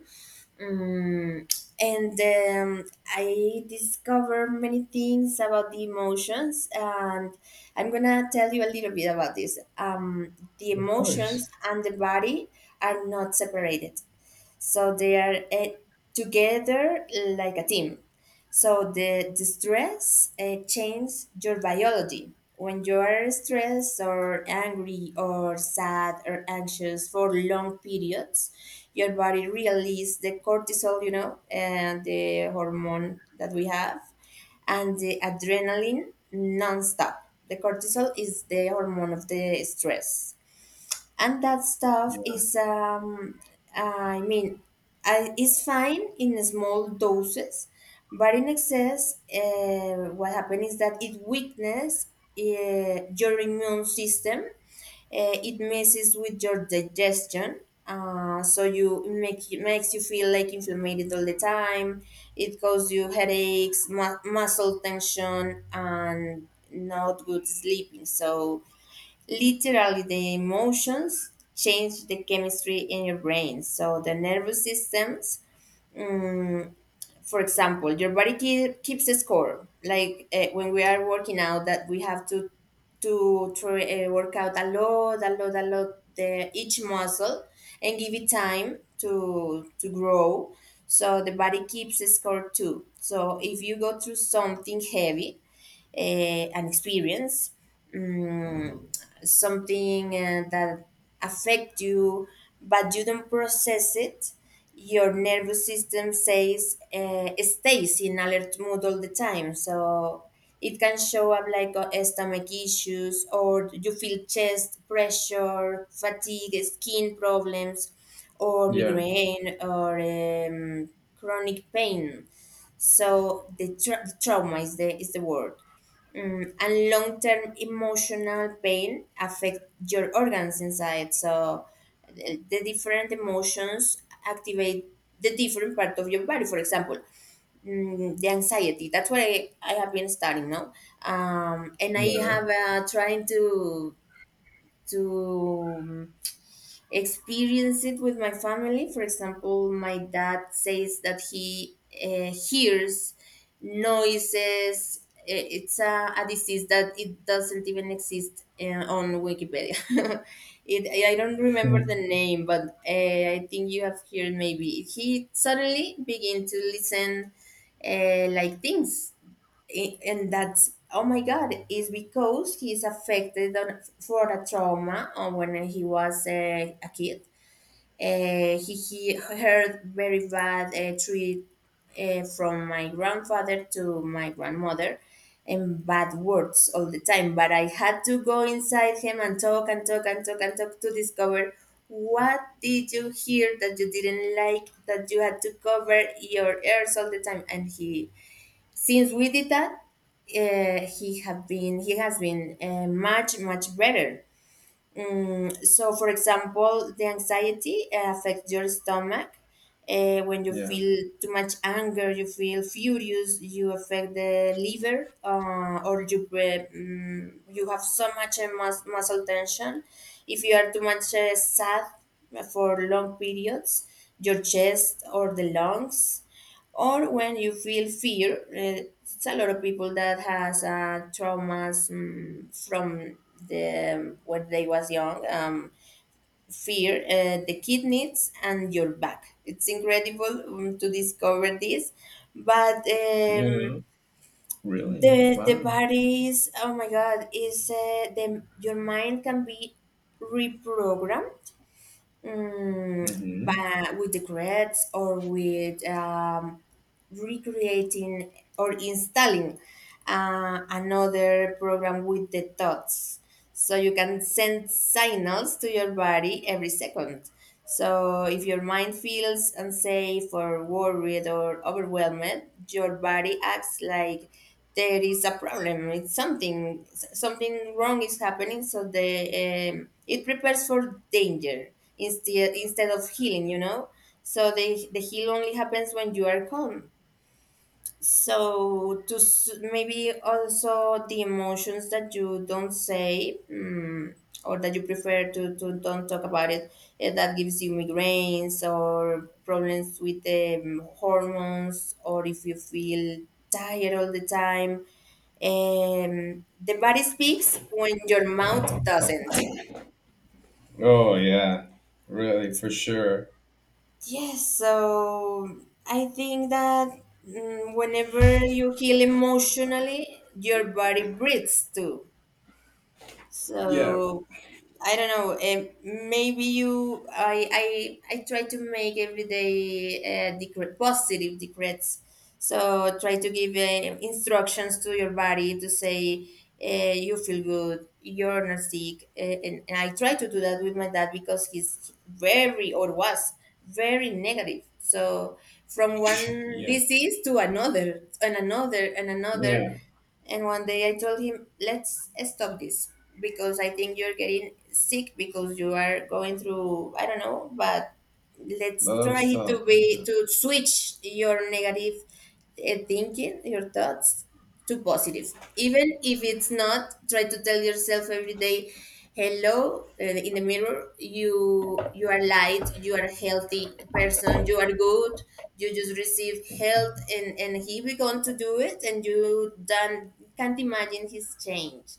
Speaker 2: um, and um, I discovered many things about the emotions. And I'm gonna tell you a little bit about this. Um, the
Speaker 1: Of course.
Speaker 2: emotions and the body are not separated, so they are, uh, together, like a team. So the, the stress uh, changes your biology. When you are stressed or angry or sad or anxious for long periods, your body releases the cortisol, you know, and the hormone that we have, and the adrenaline nonstop. The cortisol is the hormone of the stress, and that stuff
Speaker 1: Yeah.
Speaker 2: is, um I mean, I, it's fine in small doses, but in excess, uh, what happens is that it weakens, uh, your immune system, uh, it messes with your digestion, uh, so you make it makes you feel like inflamed all the time. It causes you headaches, mu- muscle tension, and not good sleeping. So literally, the emotions change the chemistry in your brain. So the nervous systems, mm, for example, your body keep, keeps a score. Like, uh, when we are working out, that we have to to try, uh, work out a lot, a lot, a lot, the, each muscle, and give it time to to grow. So the body keeps a score too. So if you go through something heavy, uh, an experience, mm something, uh, that affect you, but you don't process it, your nervous system says, uh, stays in alert mode all the time, so it can show up like, uh, stomach issues, or you feel chest pressure, fatigue, skin problems, or
Speaker 1: Yeah.
Speaker 2: migraine, or, um, chronic pain. So the, tra- the trauma is the is the word. Mm, and long term emotional pain affect your organs inside. So the the different emotions activate the different part of your body. For example, mm, the anxiety. That's what I, I have been studying now. Um, and I
Speaker 1: Yeah.
Speaker 2: have uh, trying to to experience it with my family. For example, my dad says that he uh, hears noises. I- It's a, a disease that it doesn't even exist uh, on Wikipedia. <laughs> it, I I don't remember the
Speaker 1: <laughs>
Speaker 2: name, but uh, I think you have heard maybe. He suddenly began to listen, uh, like things. I- and that's, oh my God, is because he's affected on, for a trauma on when he was uh, a kid. uh, he, he heard very bad, uh, treat, uh, from my grandfather to my grandmother, and bad words all the time. But I had to go inside him and talk and talk and talk and talk, to discover, what did you hear that you didn't like, that you had to cover your ears all the time? And he, since we did that, uh, he have been he has been uh, much much better. Mm, so, for example, the anxiety uh, affects your stomach. Uh, when you
Speaker 1: Yeah.
Speaker 2: feel too much anger, you feel furious. You affect the liver, uh, or you pre mm, you have so much uh, mus- muscle tension. If you are too much, uh, sad for long periods, your chest or the lungs, or when you feel fear. eh, It's a lot of people that has, uh, traumas, mm, from the when they was young. Um, fear, uh, the kidneys, and your back. It's incredible, um, to discover this, but, um,
Speaker 1: Yeah. Really?
Speaker 2: the the
Speaker 1: Wow.
Speaker 2: body is, oh my God, is uh, the your mind can be reprogrammed, um,
Speaker 1: Mm-hmm.
Speaker 2: by, with regrets, or with, um, recreating, or installing, uh, another program with the thoughts. So you can send signals to your body every second. So if your mind feels unsafe or worried or overwhelmed, your body acts like there is a problem. It's something something wrong is happening. So the um, it prepares for danger instead instead of healing. You know. So the the heal only happens when you are calm. So to s- maybe also the emotions that you don't say, mm, or that you prefer to, to don't talk about it, eh, that gives you migraines, or problems with the hormones, or if you feel tired all the time, um, the body speaks when your mouth doesn't.
Speaker 1: Oh yeah. Really, for sure.
Speaker 2: Yes, so I think that, mm, whenever you heal emotionally, your body breathes too.
Speaker 1: Yeah.
Speaker 2: So I don't know. Um, maybe you, I, I, I try to make every day, uh, decre- positive decrets. So try to give, uh, instructions to your body to say, uh, you feel good, you're not sick, uh, and, and I try to do that with my dad because he's very, or was very negative. So from one
Speaker 1: Yeah.
Speaker 2: disease to another, and another, and another.
Speaker 1: Yeah.
Speaker 2: And one day I told him, let's stop this, because I think you're getting sick because you are going through, I don't know, but
Speaker 1: A
Speaker 2: let's
Speaker 1: lot of
Speaker 2: try
Speaker 1: stuff.
Speaker 2: to be to switch your negative, uh, thinking, your thoughts to positive, even if it's not. Try to tell yourself every day, hello, uh, in the mirror, you, you are light, you are a healthy person, you are good, you just receive help. And and he began to do it, and you done can't imagine his change.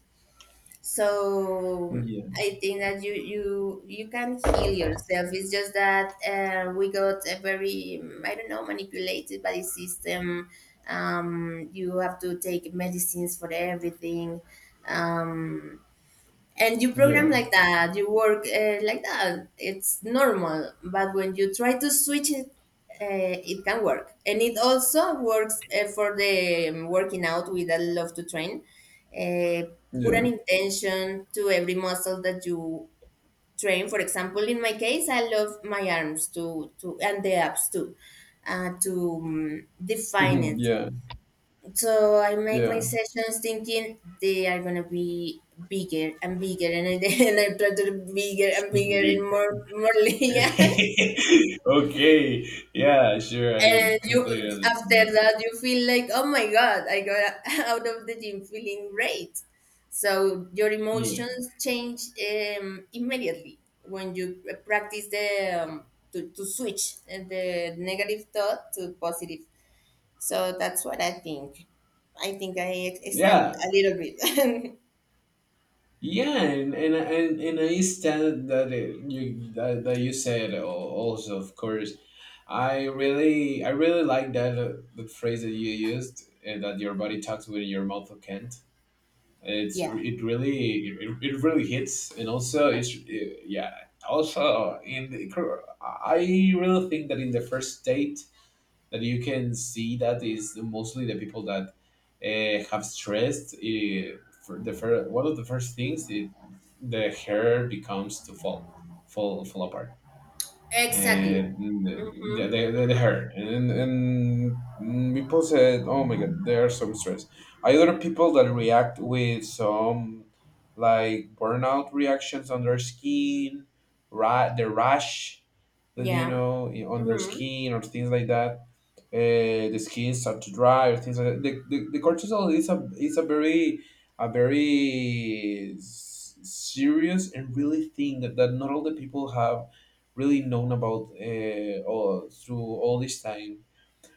Speaker 2: So
Speaker 1: Yeah. Yeah.
Speaker 2: I think that you you you can heal yourself. It's just that, uh, we got a very, mm, I don't know, manipulated by the system. Um, you have to take medicines for everything, um, and you program
Speaker 1: Yeah.
Speaker 2: like that, you work uh, like that, it's normal, but when you try to switch it, uh, it can work. And it also works, uh, for the, um, working out. With, I love to train, uh,
Speaker 1: <laughs>
Speaker 2: put an
Speaker 1: Yeah.
Speaker 2: intention to every muscle that you train. For example, in my case, I love my arms to to and the abs too, uh, to, um, define it. So I make my
Speaker 1: Yeah.
Speaker 2: sessions thinking they are gonna be bigger and bigger, and I, <laughs> and I try to be bigger and
Speaker 1: <laughs>
Speaker 2: bigger, and
Speaker 1: Yeah.
Speaker 2: more more <laughs> linear.
Speaker 1: <laughs> Okay. Yeah, sure. I
Speaker 2: And you
Speaker 1: completely understand
Speaker 2: after
Speaker 1: that.
Speaker 2: that you feel like, oh my God, I got <laughs> out of the gym feeling great. So your
Speaker 1: Yeah.
Speaker 2: emotions change, um, immediately, when you practice the, um, to, to switch, uh, the negative thought to positive. So that's what I think. I think I ex- extend
Speaker 1: Yeah.
Speaker 2: a little bit.
Speaker 1: Yeah, and and and, and I stand that it, you that, that you said al- also, of course. I really I really like that uh, the phrase that you used uh, that your body talks when your mouth can't.
Speaker 2: <laughs>
Speaker 1: It's
Speaker 2: Yeah.
Speaker 1: re- it really it, it really hits, and also it's uh, yeah. Also, in the, cor- I really think that in the first date that you can see that is mostly the people that uh, have stressed. Uh, for the fir- one of the first things it, the hair becomes to fall, fall, fall apart.
Speaker 2: Exactly.
Speaker 1: And
Speaker 2: Mm-hmm.
Speaker 1: yeah, the, the, the hair and and people said, "Oh my God, there are some stress." Other people that react with some like burnout reactions on their skin, ra- the rash, that you
Speaker 2: Yeah.
Speaker 1: know, on their
Speaker 2: Mm-hmm.
Speaker 1: skin or things like that. Uh, the skin start to dry or things like that. The, the, the cortisol is a is a very a very s- serious and really thing that, that not all the people have really known about uh, all, through all this time.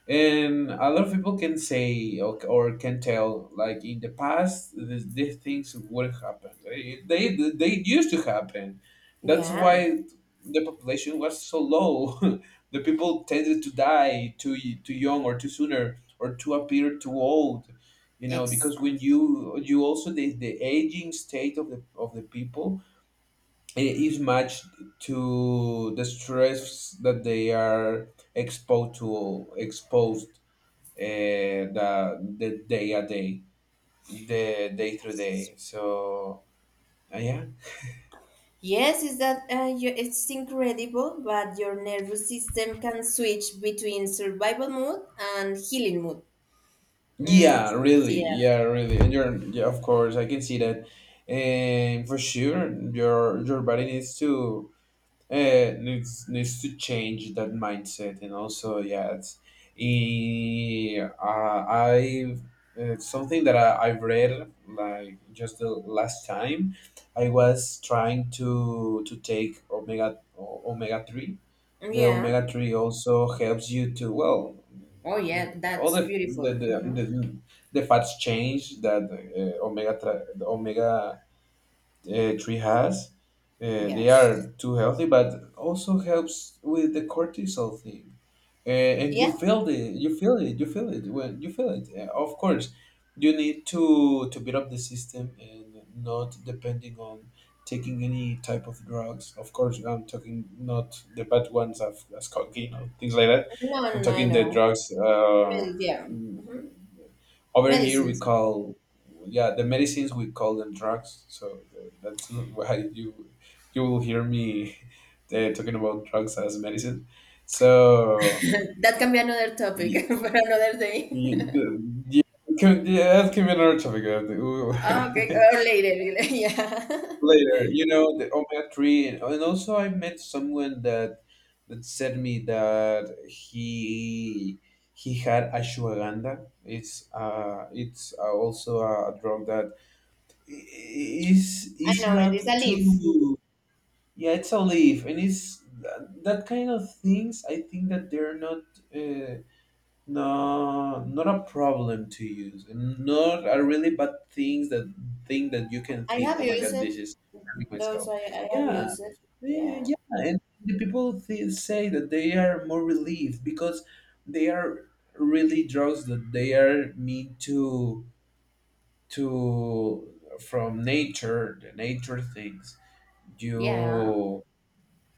Speaker 1: And a lot of people can say or, or can tell, like in the past these, these things would happen, they, they they used to happen. That's
Speaker 2: Yeah.
Speaker 1: why the population was so low. <laughs> The people tended to die too too young or too sooner or to appear too old, you know,
Speaker 2: Ex-
Speaker 1: because when you you also the, the aging state of the of the people i- is matched to the stress that they are exposed to exposed uh, the the day a day, the day through day. So uh, yeah,
Speaker 2: yes, is that, uh, you, it's incredible, but your nervous system can switch between survival mode and healing mode. Mm,
Speaker 1: yeah, really,
Speaker 2: yeah.
Speaker 1: yeah, really. And you're yeah, of course, I can see that. And for sure, your your body needs to uh, needs needs to change that mindset, and also yeah, it's, eh, uh, I've it's something that I, I've read like just the last time I was trying to to take omega omega three. The
Speaker 2: Yeah.
Speaker 1: omega three also helps you to well
Speaker 2: Oh yeah,
Speaker 1: all
Speaker 2: that's
Speaker 1: the
Speaker 2: beautiful.
Speaker 1: the the,
Speaker 2: Hmm.
Speaker 1: the, the fats change that uh, omega tra- the omega uh, tree has. Uh, they
Speaker 2: Yes.
Speaker 1: are too healthy, but also helps with the cortisol thing. Uh, and you
Speaker 2: Yeah.
Speaker 1: feel the you feel it, you feel it when you feel it. Uh, of course, you need to to build up the system and not depending on taking any type of drugs. Of course, I'm talking not the bad ones of as cocaine or things like that.
Speaker 2: No, no,
Speaker 1: I'm
Speaker 2: no, I
Speaker 1: talking the
Speaker 2: know.
Speaker 1: drugs. Uh,
Speaker 2: Medi- yeah.
Speaker 1: mm,
Speaker 2: Mm-hmm.
Speaker 1: Over here
Speaker 2: Medicine.
Speaker 1: we call yeah the medicines, we call them drugs. So uh, that's why you you will hear me <laughs> uh, talking about drugs as medicine. So
Speaker 2: That can be another
Speaker 1: y-
Speaker 2: topic <laughs> for another day.
Speaker 1: y-
Speaker 2: <laughs>
Speaker 1: the- yeah, can- yeah, that can be another topic uh,
Speaker 2: Okay,
Speaker 1: the-
Speaker 2: or later. <laughs> Yeah.
Speaker 1: <laughs> later, you know, the omega three. and and also I met someone that that said me that he he had ashwagandha. It's uh it's uh, also a drug that is
Speaker 2: I
Speaker 1: is
Speaker 2: know it
Speaker 1: not
Speaker 2: is a leaf.
Speaker 1: too yeah, it's a leaf. And it's tha- that kind of things, I think that they're not uh, no, not a problem to use and not a really bad things that thing that you can
Speaker 2: I
Speaker 1: think,
Speaker 2: have
Speaker 1: oh my
Speaker 2: used
Speaker 1: God,
Speaker 2: it.
Speaker 1: this is hurting
Speaker 2: Those
Speaker 1: myself.
Speaker 2: I, I have
Speaker 1: Yeah.
Speaker 2: used it.
Speaker 1: Eh,
Speaker 2: Yeah.
Speaker 1: yeah, and the people th- say that they are more relieved because they are really drugs that they are meant to to from nature, the nature things.
Speaker 2: Yeah.
Speaker 1: you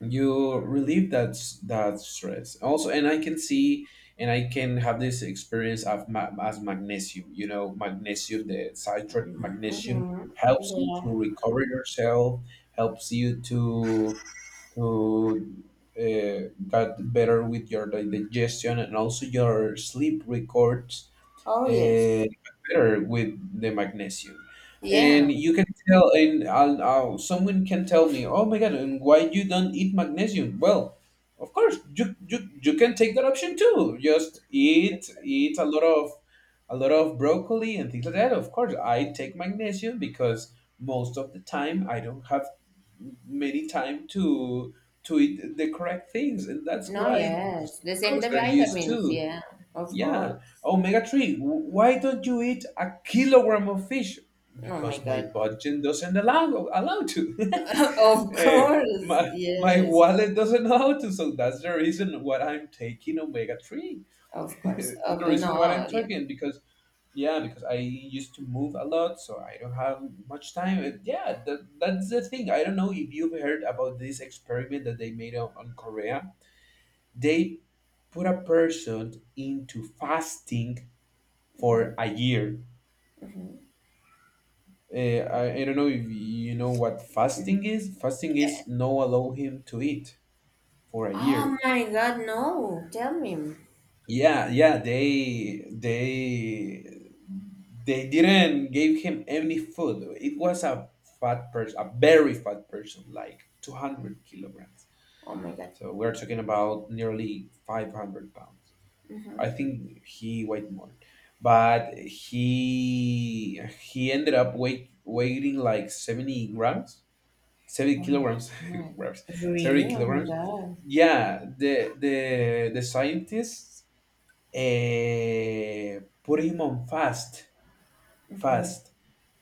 Speaker 1: you relieve that s- that stress also. And I can see and I can have this experience of ma- as magnesium, you know, magnesium, the citrate magnesium
Speaker 2: Mm-hmm.
Speaker 1: helps you
Speaker 2: Yeah.
Speaker 1: to recover yourself, helps you to to uh, get better with your di- digestion and also your sleep records
Speaker 2: Oh, yes.
Speaker 1: and better with the magnesium.
Speaker 2: Yeah.
Speaker 1: And you can tell, and I'll, I'll, someone can tell me, "Oh my God, and why you don't eat magnesium?" Well, of course, you you, you can take that option too. Just eat eat a lot of a lot of broccoli and things like that. Of course, I take magnesium because most of the time I don't have many time to to eat the correct things, and that's
Speaker 2: No,
Speaker 1: why
Speaker 2: yes. The same
Speaker 1: drugs
Speaker 2: the
Speaker 1: are used
Speaker 2: vitamins.
Speaker 1: too.
Speaker 2: Yeah. Of
Speaker 1: Yeah.
Speaker 2: course.
Speaker 1: Omega three. Why don't you eat a kilogram of fish?
Speaker 2: Oh, my
Speaker 1: Because my
Speaker 2: God.
Speaker 1: budget doesn't allow allow to. <laughs>
Speaker 2: <laughs> Of
Speaker 1: Eh,
Speaker 2: course.
Speaker 1: my, my
Speaker 2: Yes.
Speaker 1: wallet doesn't allow to. So that's the reason why I'm taking omega three.
Speaker 2: Of
Speaker 1: <laughs>
Speaker 2: course.
Speaker 1: And the
Speaker 2: Of,
Speaker 1: reason why
Speaker 2: no.
Speaker 1: I'm
Speaker 2: Yeah.
Speaker 1: taking because yeah, because I used to move a lot, so I don't have much time. And yeah, that, that's the thing. I don't know if you've heard about this experiment that they made on, on Korea. They put a person into fasting for a year. Uh, I, I don't know if you know what fasting is. Fasting is no allow him to eat for a
Speaker 2: Oh,
Speaker 1: year.
Speaker 2: my God. No. Tell me.
Speaker 1: Yeah, yeah, they they they didn't give him any food. It was a fat person, a very fat person, like two hundred kilograms.
Speaker 2: Oh, my God.
Speaker 1: So we're talking about nearly five hundred pounds. I
Speaker 2: Mm-hmm.
Speaker 1: think he weighed more, but he he ended up weight weighing like seventy grams, seventy
Speaker 2: Oh my
Speaker 1: kilograms, <laughs>
Speaker 2: god.
Speaker 1: grams, seventy
Speaker 2: Really? Oh my
Speaker 1: kilograms.
Speaker 2: god.
Speaker 1: Yeah, the the the scientists uh, put him on fast
Speaker 2: Mhm.
Speaker 1: fast,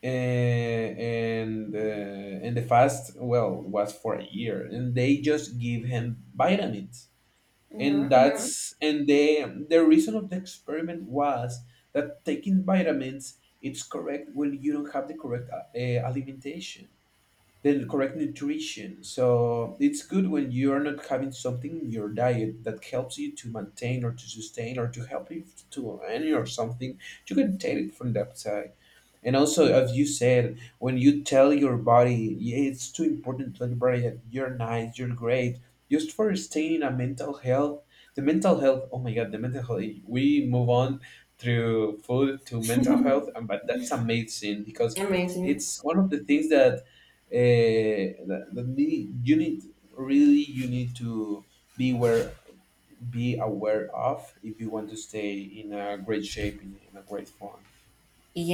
Speaker 1: uh, and uh, and the fast well was for a year, and they just give him vitamins. And
Speaker 2: Mm-hmm, hmm.
Speaker 1: that's and the the reason of the experiment was that taking vitamins it's correct when you don't have the correct uh, uh, alimentation, the correct nutrition. So it's good when you are not having something in your diet that helps you to maintain or to sustain or to help you to earn or something. You can take it from that side. And also,
Speaker 2: Yeah.
Speaker 1: as you said, when you tell your body, yeah, it's too important to tell your body that you're nice, you're great, just for staying in a mental health. The mental health, oh my God, the mental health, we move on through food to mental health, and but that's amazing because
Speaker 2: Amazing.
Speaker 1: it's one of the things that, uh, that, that need, you need, really, you need to be aware, be aware of if you want to stay in a great shape, in, in a great form.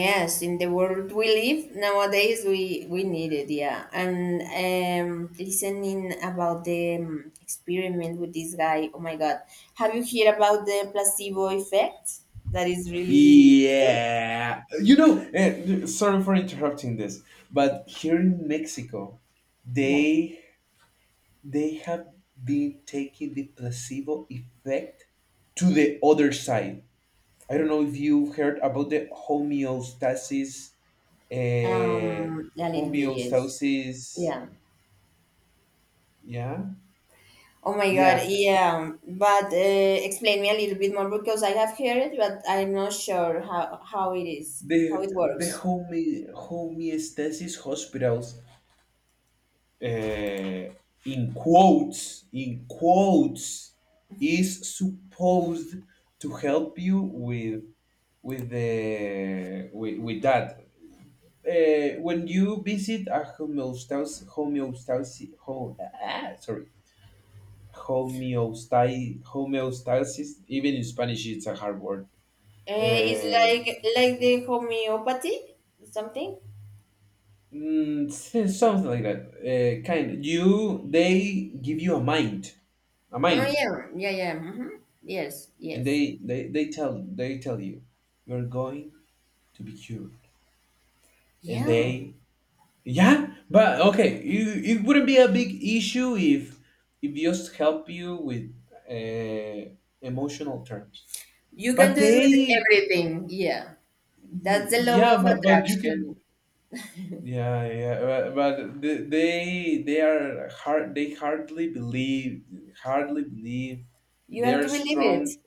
Speaker 2: Yes, in the world we live nowadays, we we need it. Yeah, and um, listening about the um, experiment with this guy. Oh my God, have you heard about the placebo effect? That is really true.
Speaker 1: Yeah, you know. Eh, sorry for interrupting this, but here in Mexico,
Speaker 2: Yeah,
Speaker 1: they they have been taking the placebo effect to the other side. I don't know if you've heard about the homeostasis. Uh,
Speaker 2: um, a little bit. Yes.
Speaker 1: homeostasis.
Speaker 2: Yeah.
Speaker 1: Yeah,
Speaker 2: Oh my God,
Speaker 1: yeah.
Speaker 2: yeah. But uh, explain me a little bit more because I have heard it, but I'm not sure how, how it is, how
Speaker 1: The
Speaker 2: it
Speaker 1: the
Speaker 2: works.
Speaker 1: home homeostasis hospitals, uh, in quotes, in quotes, is supposed to help you with with the with, with that. Uh, when you visit a homeostasis, homeostasis, home, ah, sorry, homeostasis, homeostasis, even in Spanish, it's a hard word.
Speaker 2: Uh, it's
Speaker 1: Uh,
Speaker 2: like like the homeopathy, something.
Speaker 1: mm, s- Something like that. Uh, kind. You they give you a mind, a
Speaker 2: Oh
Speaker 1: mind.
Speaker 2: yeah, yeah, yeah. Hmm. Yes,
Speaker 1: And
Speaker 2: yes.
Speaker 1: they they they tell they tell you you're going to be cured. And
Speaker 2: Yeah,
Speaker 1: they yeah but okay you it wouldn't be a big issue if if just help you with uh, emotional terms.
Speaker 2: you can
Speaker 1: But
Speaker 2: do it with
Speaker 1: they
Speaker 2: everything. Yeah,
Speaker 1: y-
Speaker 2: that's the law
Speaker 1: yeah
Speaker 2: of
Speaker 1: but, but you can
Speaker 2: attraction.
Speaker 1: yeah yeah but, but the- they they are hard, they hardly believe, hardly believe,
Speaker 2: You
Speaker 1: they
Speaker 2: have to
Speaker 1: are
Speaker 2: believe it.
Speaker 1: strong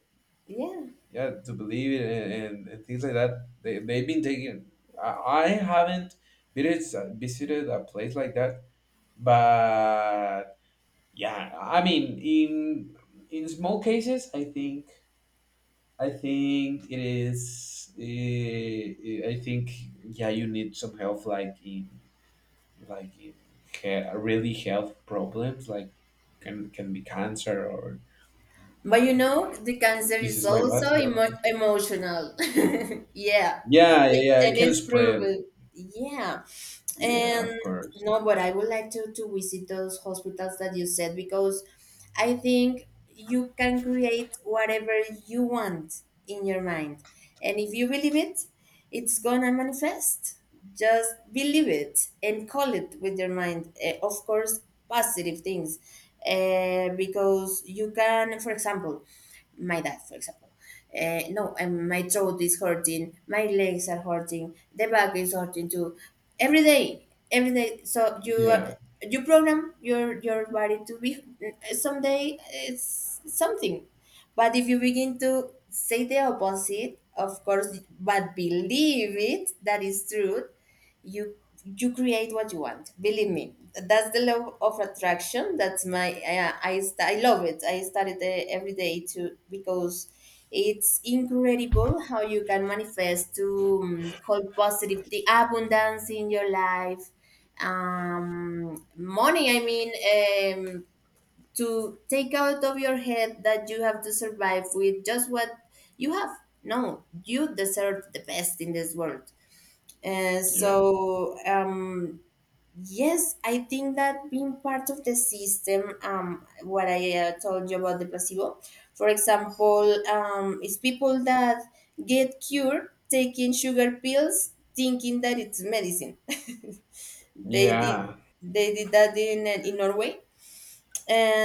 Speaker 2: Yeah.
Speaker 1: yeah to believe it. And, and, and things like that they, they've been taking. I, I haven't visited, visited a place like that, but yeah, I mean, in in small cases I think, i think it is eh, i think yeah, you need some help like in like in he- really health problems like can can be cancer or
Speaker 2: But you know, the cancer is
Speaker 1: diseases like that.
Speaker 2: also
Speaker 1: Yeah, but
Speaker 2: emo- emotional. <laughs> Yeah.
Speaker 1: yeah, yeah,
Speaker 2: It-
Speaker 1: yeah it
Speaker 2: and
Speaker 1: can
Speaker 2: it's
Speaker 1: spread.
Speaker 2: proven. Yeah.
Speaker 1: Yeah,
Speaker 2: And
Speaker 1: of course.
Speaker 2: no, but I would like to, to visit those hospitals that you said because I think you can create whatever you want in your mind. And if you believe it, it's gonna manifest. Just believe it and call it with your mind. Eh, of course, positive things. Uh, because you can, for example, my dad, for example. Uh, no, and my throat is hurting. My legs are hurting. The back is hurting too. Every day, every day. So you uh,
Speaker 1: Yeah,
Speaker 2: you program your your body to be eh, someday it's something, but if you begin to say the opposite, of course, but believe it that is true, you you create what you want, believe me. That's the law of attraction. That's my uh, i st- I love it. I study it uh, every day too, because it's incredible how you can manifest to um, call positive the abundance in your life, um money, I mean, um to take out of your head that you have to survive with just what you have. No, you deserve the best in this world. uh,
Speaker 1: yeah,
Speaker 2: so um, yes, I think that being part of the system, um, what I uh, told you about the placebo, for example, um, is people that get cured taking sugar pills, thinking that it's medicine. <laughs> They did,
Speaker 1: yeah,
Speaker 2: they did that in in Norway,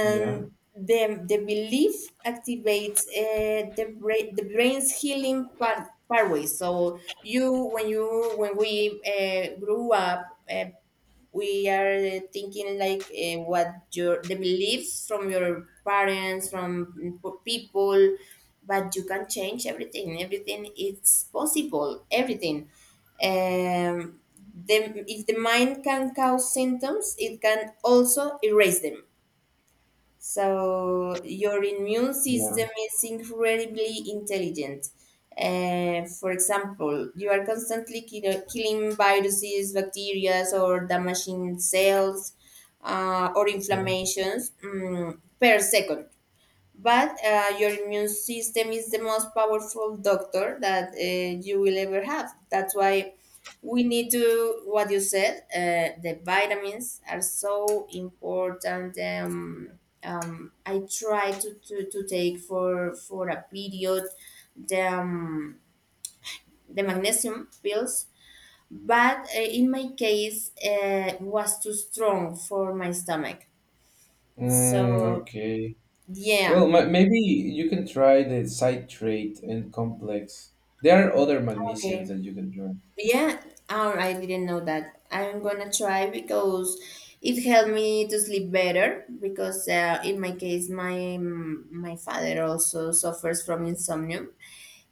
Speaker 1: yeah,
Speaker 2: the, the belief activates uh, the, brain, the brain's healing part, pathway. So you, when you, when we uh, grew up, uh, we are thinking like uh, what your the beliefs from your parents, from people, but you can change everything. Everything is possible. Everything. Um, the, if the mind can cause symptoms, it can also erase them. So your immune
Speaker 1: yeah,
Speaker 2: system is incredibly intelligent. Uh, for example, you are constantly kill- killing viruses, bacteria, or damaging cells uh, or
Speaker 1: yeah.
Speaker 2: inflammations, mm, per second. But uh, your immune system is the most powerful doctor that uh, you will ever have. That's why we need to, what you said, uh, the vitamins are so important. Um, um, I try to, to, to take for, for a period the, um, the magnesium pills, but uh, in my case, uh, was too strong for my stomach.
Speaker 1: Mm,
Speaker 2: So,
Speaker 1: okay. Well,
Speaker 2: yeah,
Speaker 1: ma maybe you can try the citrate and complex. There are other magnesiums
Speaker 2: okay.
Speaker 1: that you can try.
Speaker 2: Yeah, or I didn't know that. I'm gonna try because it helped me to sleep better. Because uh, in my case, my my father also suffers from insomnia,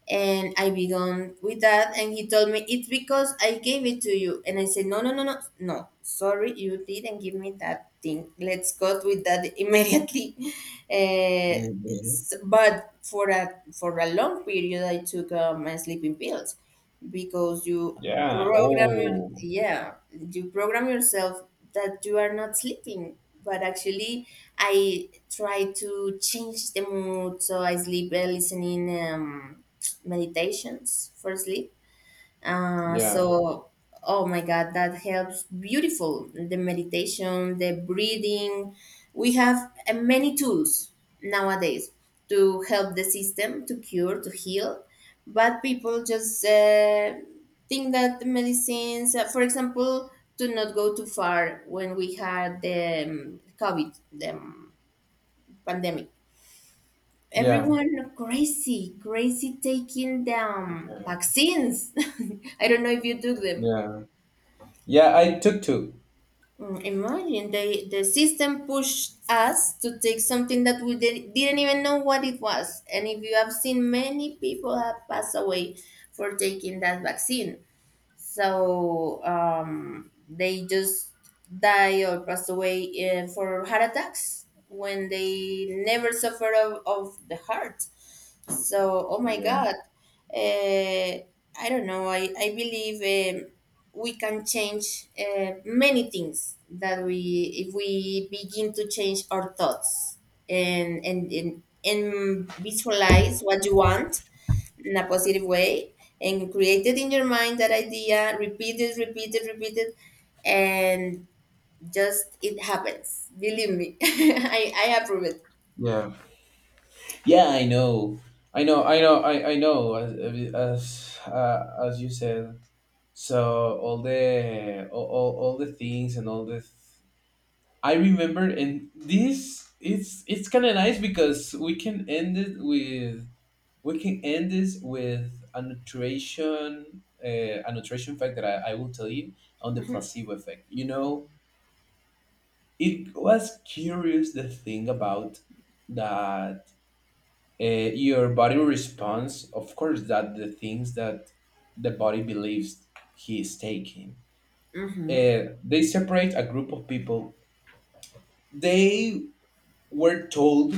Speaker 2: and I began with that, and he told me it's because I gave it to you. And I said, no, no, no, no, no. Sorry, you didn't give me that thing. Let's cut with that <laughs> immediately. Uh,
Speaker 1: Hmm.
Speaker 2: s- but for a for a long period, I took uh, my sleeping pills because you
Speaker 1: Yeah.
Speaker 2: program your-
Speaker 1: Oh,
Speaker 2: yeah, you program yourself that you are not sleeping. But actually, I try to change the mood so I sleep by listening. Um, meditations for sleep. Uh,
Speaker 1: yeah,
Speaker 2: so, oh my God, that helps beautiful. The meditation, the breathing. We have uh, many tools nowadays to help the system to cure, to heal. But people just uh, think that the medicines, uh, for example, to not go too far when we had the um, COVID, the um, pandemic,
Speaker 1: yeah,
Speaker 2: everyone crazy, crazy taking them
Speaker 1: yeah,
Speaker 2: vaccines. <laughs> I don't know if you took them.
Speaker 1: yeah. Yeah, I took two.
Speaker 2: Mm, imagine they, the system pushed us to take something that we did, didn't even know what it was. And if you have seen, many people have passed away for taking that vaccine. So um, they just die or pass away uh, for heart attacks when they never suffer of, of the heart. So oh my
Speaker 1: Yeah,
Speaker 2: god, uh, I don't know I, I believe um, we can change uh, many things that we, if we begin to change our thoughts, and and and, and visualize what you want in a positive way, and created in your mind that idea, repeat it, repeat it, repeat it, and just it happens, believe me. <laughs> i i approve it.
Speaker 1: yeah, yeah. I know, I know, I know, I, I know. As as uh, as you said. So all the all, all, all the things and all the th- I remember, and this, it's it's kind of nice because we can end it with we can end this with a nutrition uh, a nutrition fact that I, I will tell you on the
Speaker 2: Mhm.
Speaker 1: placebo effect. You know, it was curious the thing about that uh, your body responds. Of course, that the things that the body believes he is taking,
Speaker 2: Mm-hmm.
Speaker 1: uh, they separate a group of people. They were told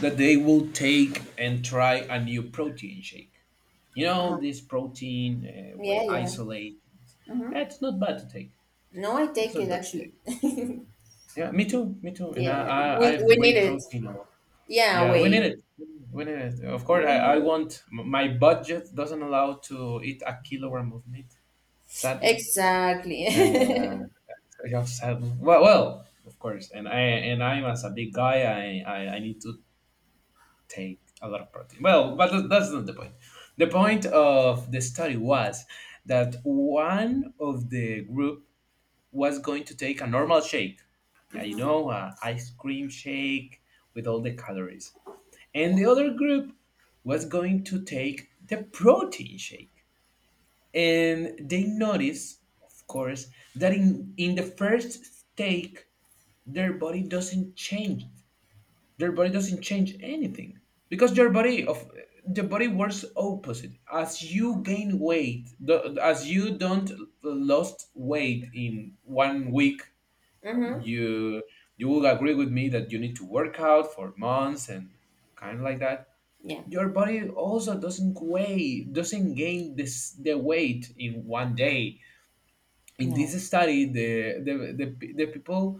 Speaker 1: that they will take and try a new protein shake. You
Speaker 2: Uh-huh.
Speaker 1: know, this protein, uh,
Speaker 2: Yeah,
Speaker 1: whey
Speaker 2: yeah.
Speaker 1: isolate.
Speaker 2: Mm-hmm.
Speaker 1: Eh, It's not bad to take.
Speaker 2: No, I
Speaker 1: It's
Speaker 2: take it
Speaker 1: not bad to
Speaker 2: actually.
Speaker 1: take. Yeah, me too. Me
Speaker 2: <laughs>
Speaker 1: too. And I,
Speaker 2: Yeah,
Speaker 1: I
Speaker 2: we,
Speaker 1: I've
Speaker 2: we need
Speaker 1: whey
Speaker 2: it.
Speaker 1: protein a lot.
Speaker 2: Yeah,
Speaker 1: Yeah, we need
Speaker 2: wait.
Speaker 1: it. We need it. Of course,
Speaker 2: We
Speaker 1: I,
Speaker 2: need
Speaker 1: I
Speaker 2: it,
Speaker 1: want. m- My budget doesn't allow to eat a kilogram of meat. Sadly.
Speaker 2: exactly.
Speaker 1: Uh,
Speaker 2: <laughs>
Speaker 1: I just have, well, well, of course, and I and I'm as a big guy, I I, I need to take a lot of protein. Well, but that, that's not the point. The point of the study was that one of the group was going to take a normal shake, yeah, you know, uh, ice cream shake with all the calories, and the
Speaker 2: Yeah.
Speaker 1: other group was going to take the protein shake. And they notice, of course, that in, in the first take, their body doesn't change. Their body doesn't change anything because your body of the body works opposite. As you gain weight, the, as you don't lost weight in one week, um,
Speaker 2: Mm-hmm.
Speaker 1: you you will agree with me that you need to work out for months and kind of like that.
Speaker 2: Yeah.
Speaker 1: Your body also doesn't weigh, doesn't gain this the weight in one day. In this
Speaker 2: No.
Speaker 1: study, the the the, the people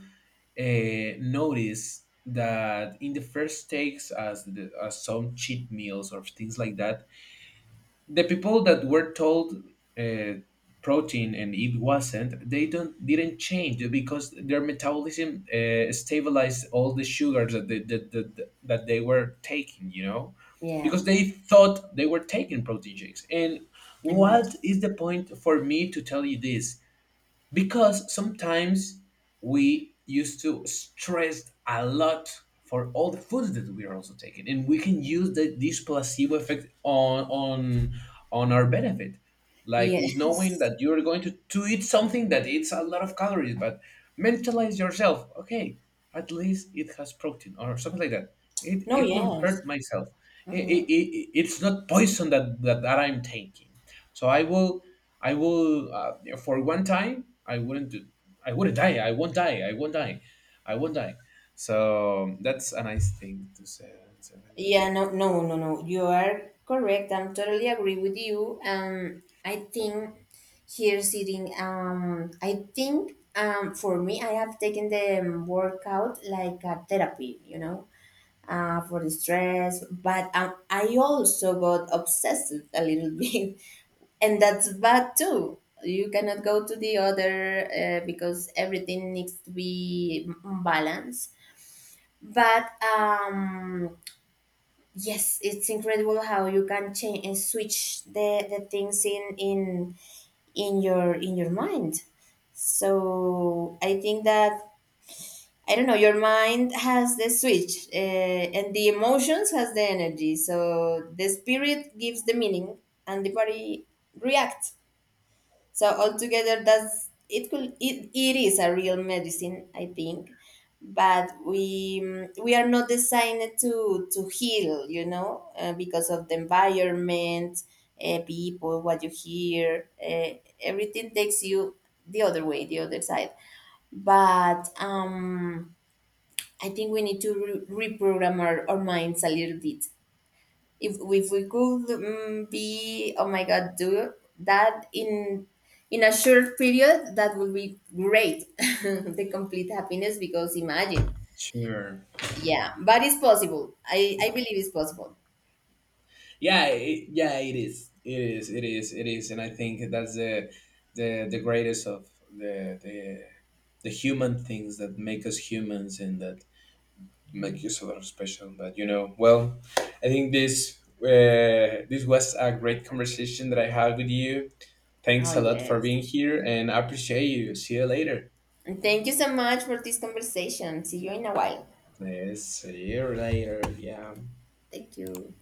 Speaker 1: uh, noticed that in the first takes, as the, as some cheat meals or things like that, the people that were told uh, protein, and it wasn't, they don't didn't change because their metabolism uh, stabilized all the sugars that they, that, that that they were taking. You know.
Speaker 2: Yeah.
Speaker 1: Because they thought they were taking protein shakes, and
Speaker 2: Imagine.
Speaker 1: what is the point for me to tell you this? Because sometimes we used to stress a lot for all the foods that we are also taking, and we can use the, this placebo effect on on on our benefit, like you knowing
Speaker 2: Yes.
Speaker 1: that you're going to, to eat something that eats a lot of calories, but mentalize yourself, okay, at least it has protein or something like that. It,
Speaker 2: No,
Speaker 1: it won't
Speaker 2: yes.
Speaker 1: hurt myself. I-
Speaker 2: Hmm.
Speaker 1: I- I- it's not poison that, that, that I'm taking. So I will, I will, uh, for one time, I wouldn't, do, I wouldn't die. I won't die. I won't die. I won't die. So um, that's a nice thing to say. Say like that.
Speaker 2: Yeah, no, no, no, no. You are correct. I'm totally agree with you. Um, I think here sitting, um, I think um, for me, I have taken the um, workout like a therapy, you know, uh, for the stress. But um, I also got obsessed a little <laughs> bit, and that's bad too. You cannot go to the other uh, because everything needs to be balanced. But um, Yes, it's incredible how you can change and switch the, the things in in in your in your mind. So I think that I don't know. Your mind has the switch, uh, and the emotions has the energy. So the spirit gives the meaning, and the body reacts. So altogether, that's it. Could it, it is a real medicine, I think, but we mm, we are not designed to to heal, you know, uh, because of the environment, uh, people, what you hear, uh, everything takes you the other way, the other side. But um, I think we need to re- reprogram our, our minds a little bit. if if we could um, be, oh my god, do that in in a short period, that would be great. <laughs> The complete happiness, because imagine,
Speaker 1: Sure.
Speaker 2: yeah, but it's possible, i i believe it's possible.
Speaker 1: Yeah. It, yeah. It is. It is. It is. It is. And I think that's the, the, the greatest of the, the, the human things that make us humans and that make you so special. But you know, well, I think this uh, this was a great conversation that I had with you.
Speaker 2: Oh
Speaker 1: Thanks a lot for
Speaker 2: yes,
Speaker 1: being here, and I appreciate you. See you later.
Speaker 2: and thank you so much for this conversation. See you in a while.
Speaker 1: Yes, see you later. Yeah.
Speaker 2: Thank you.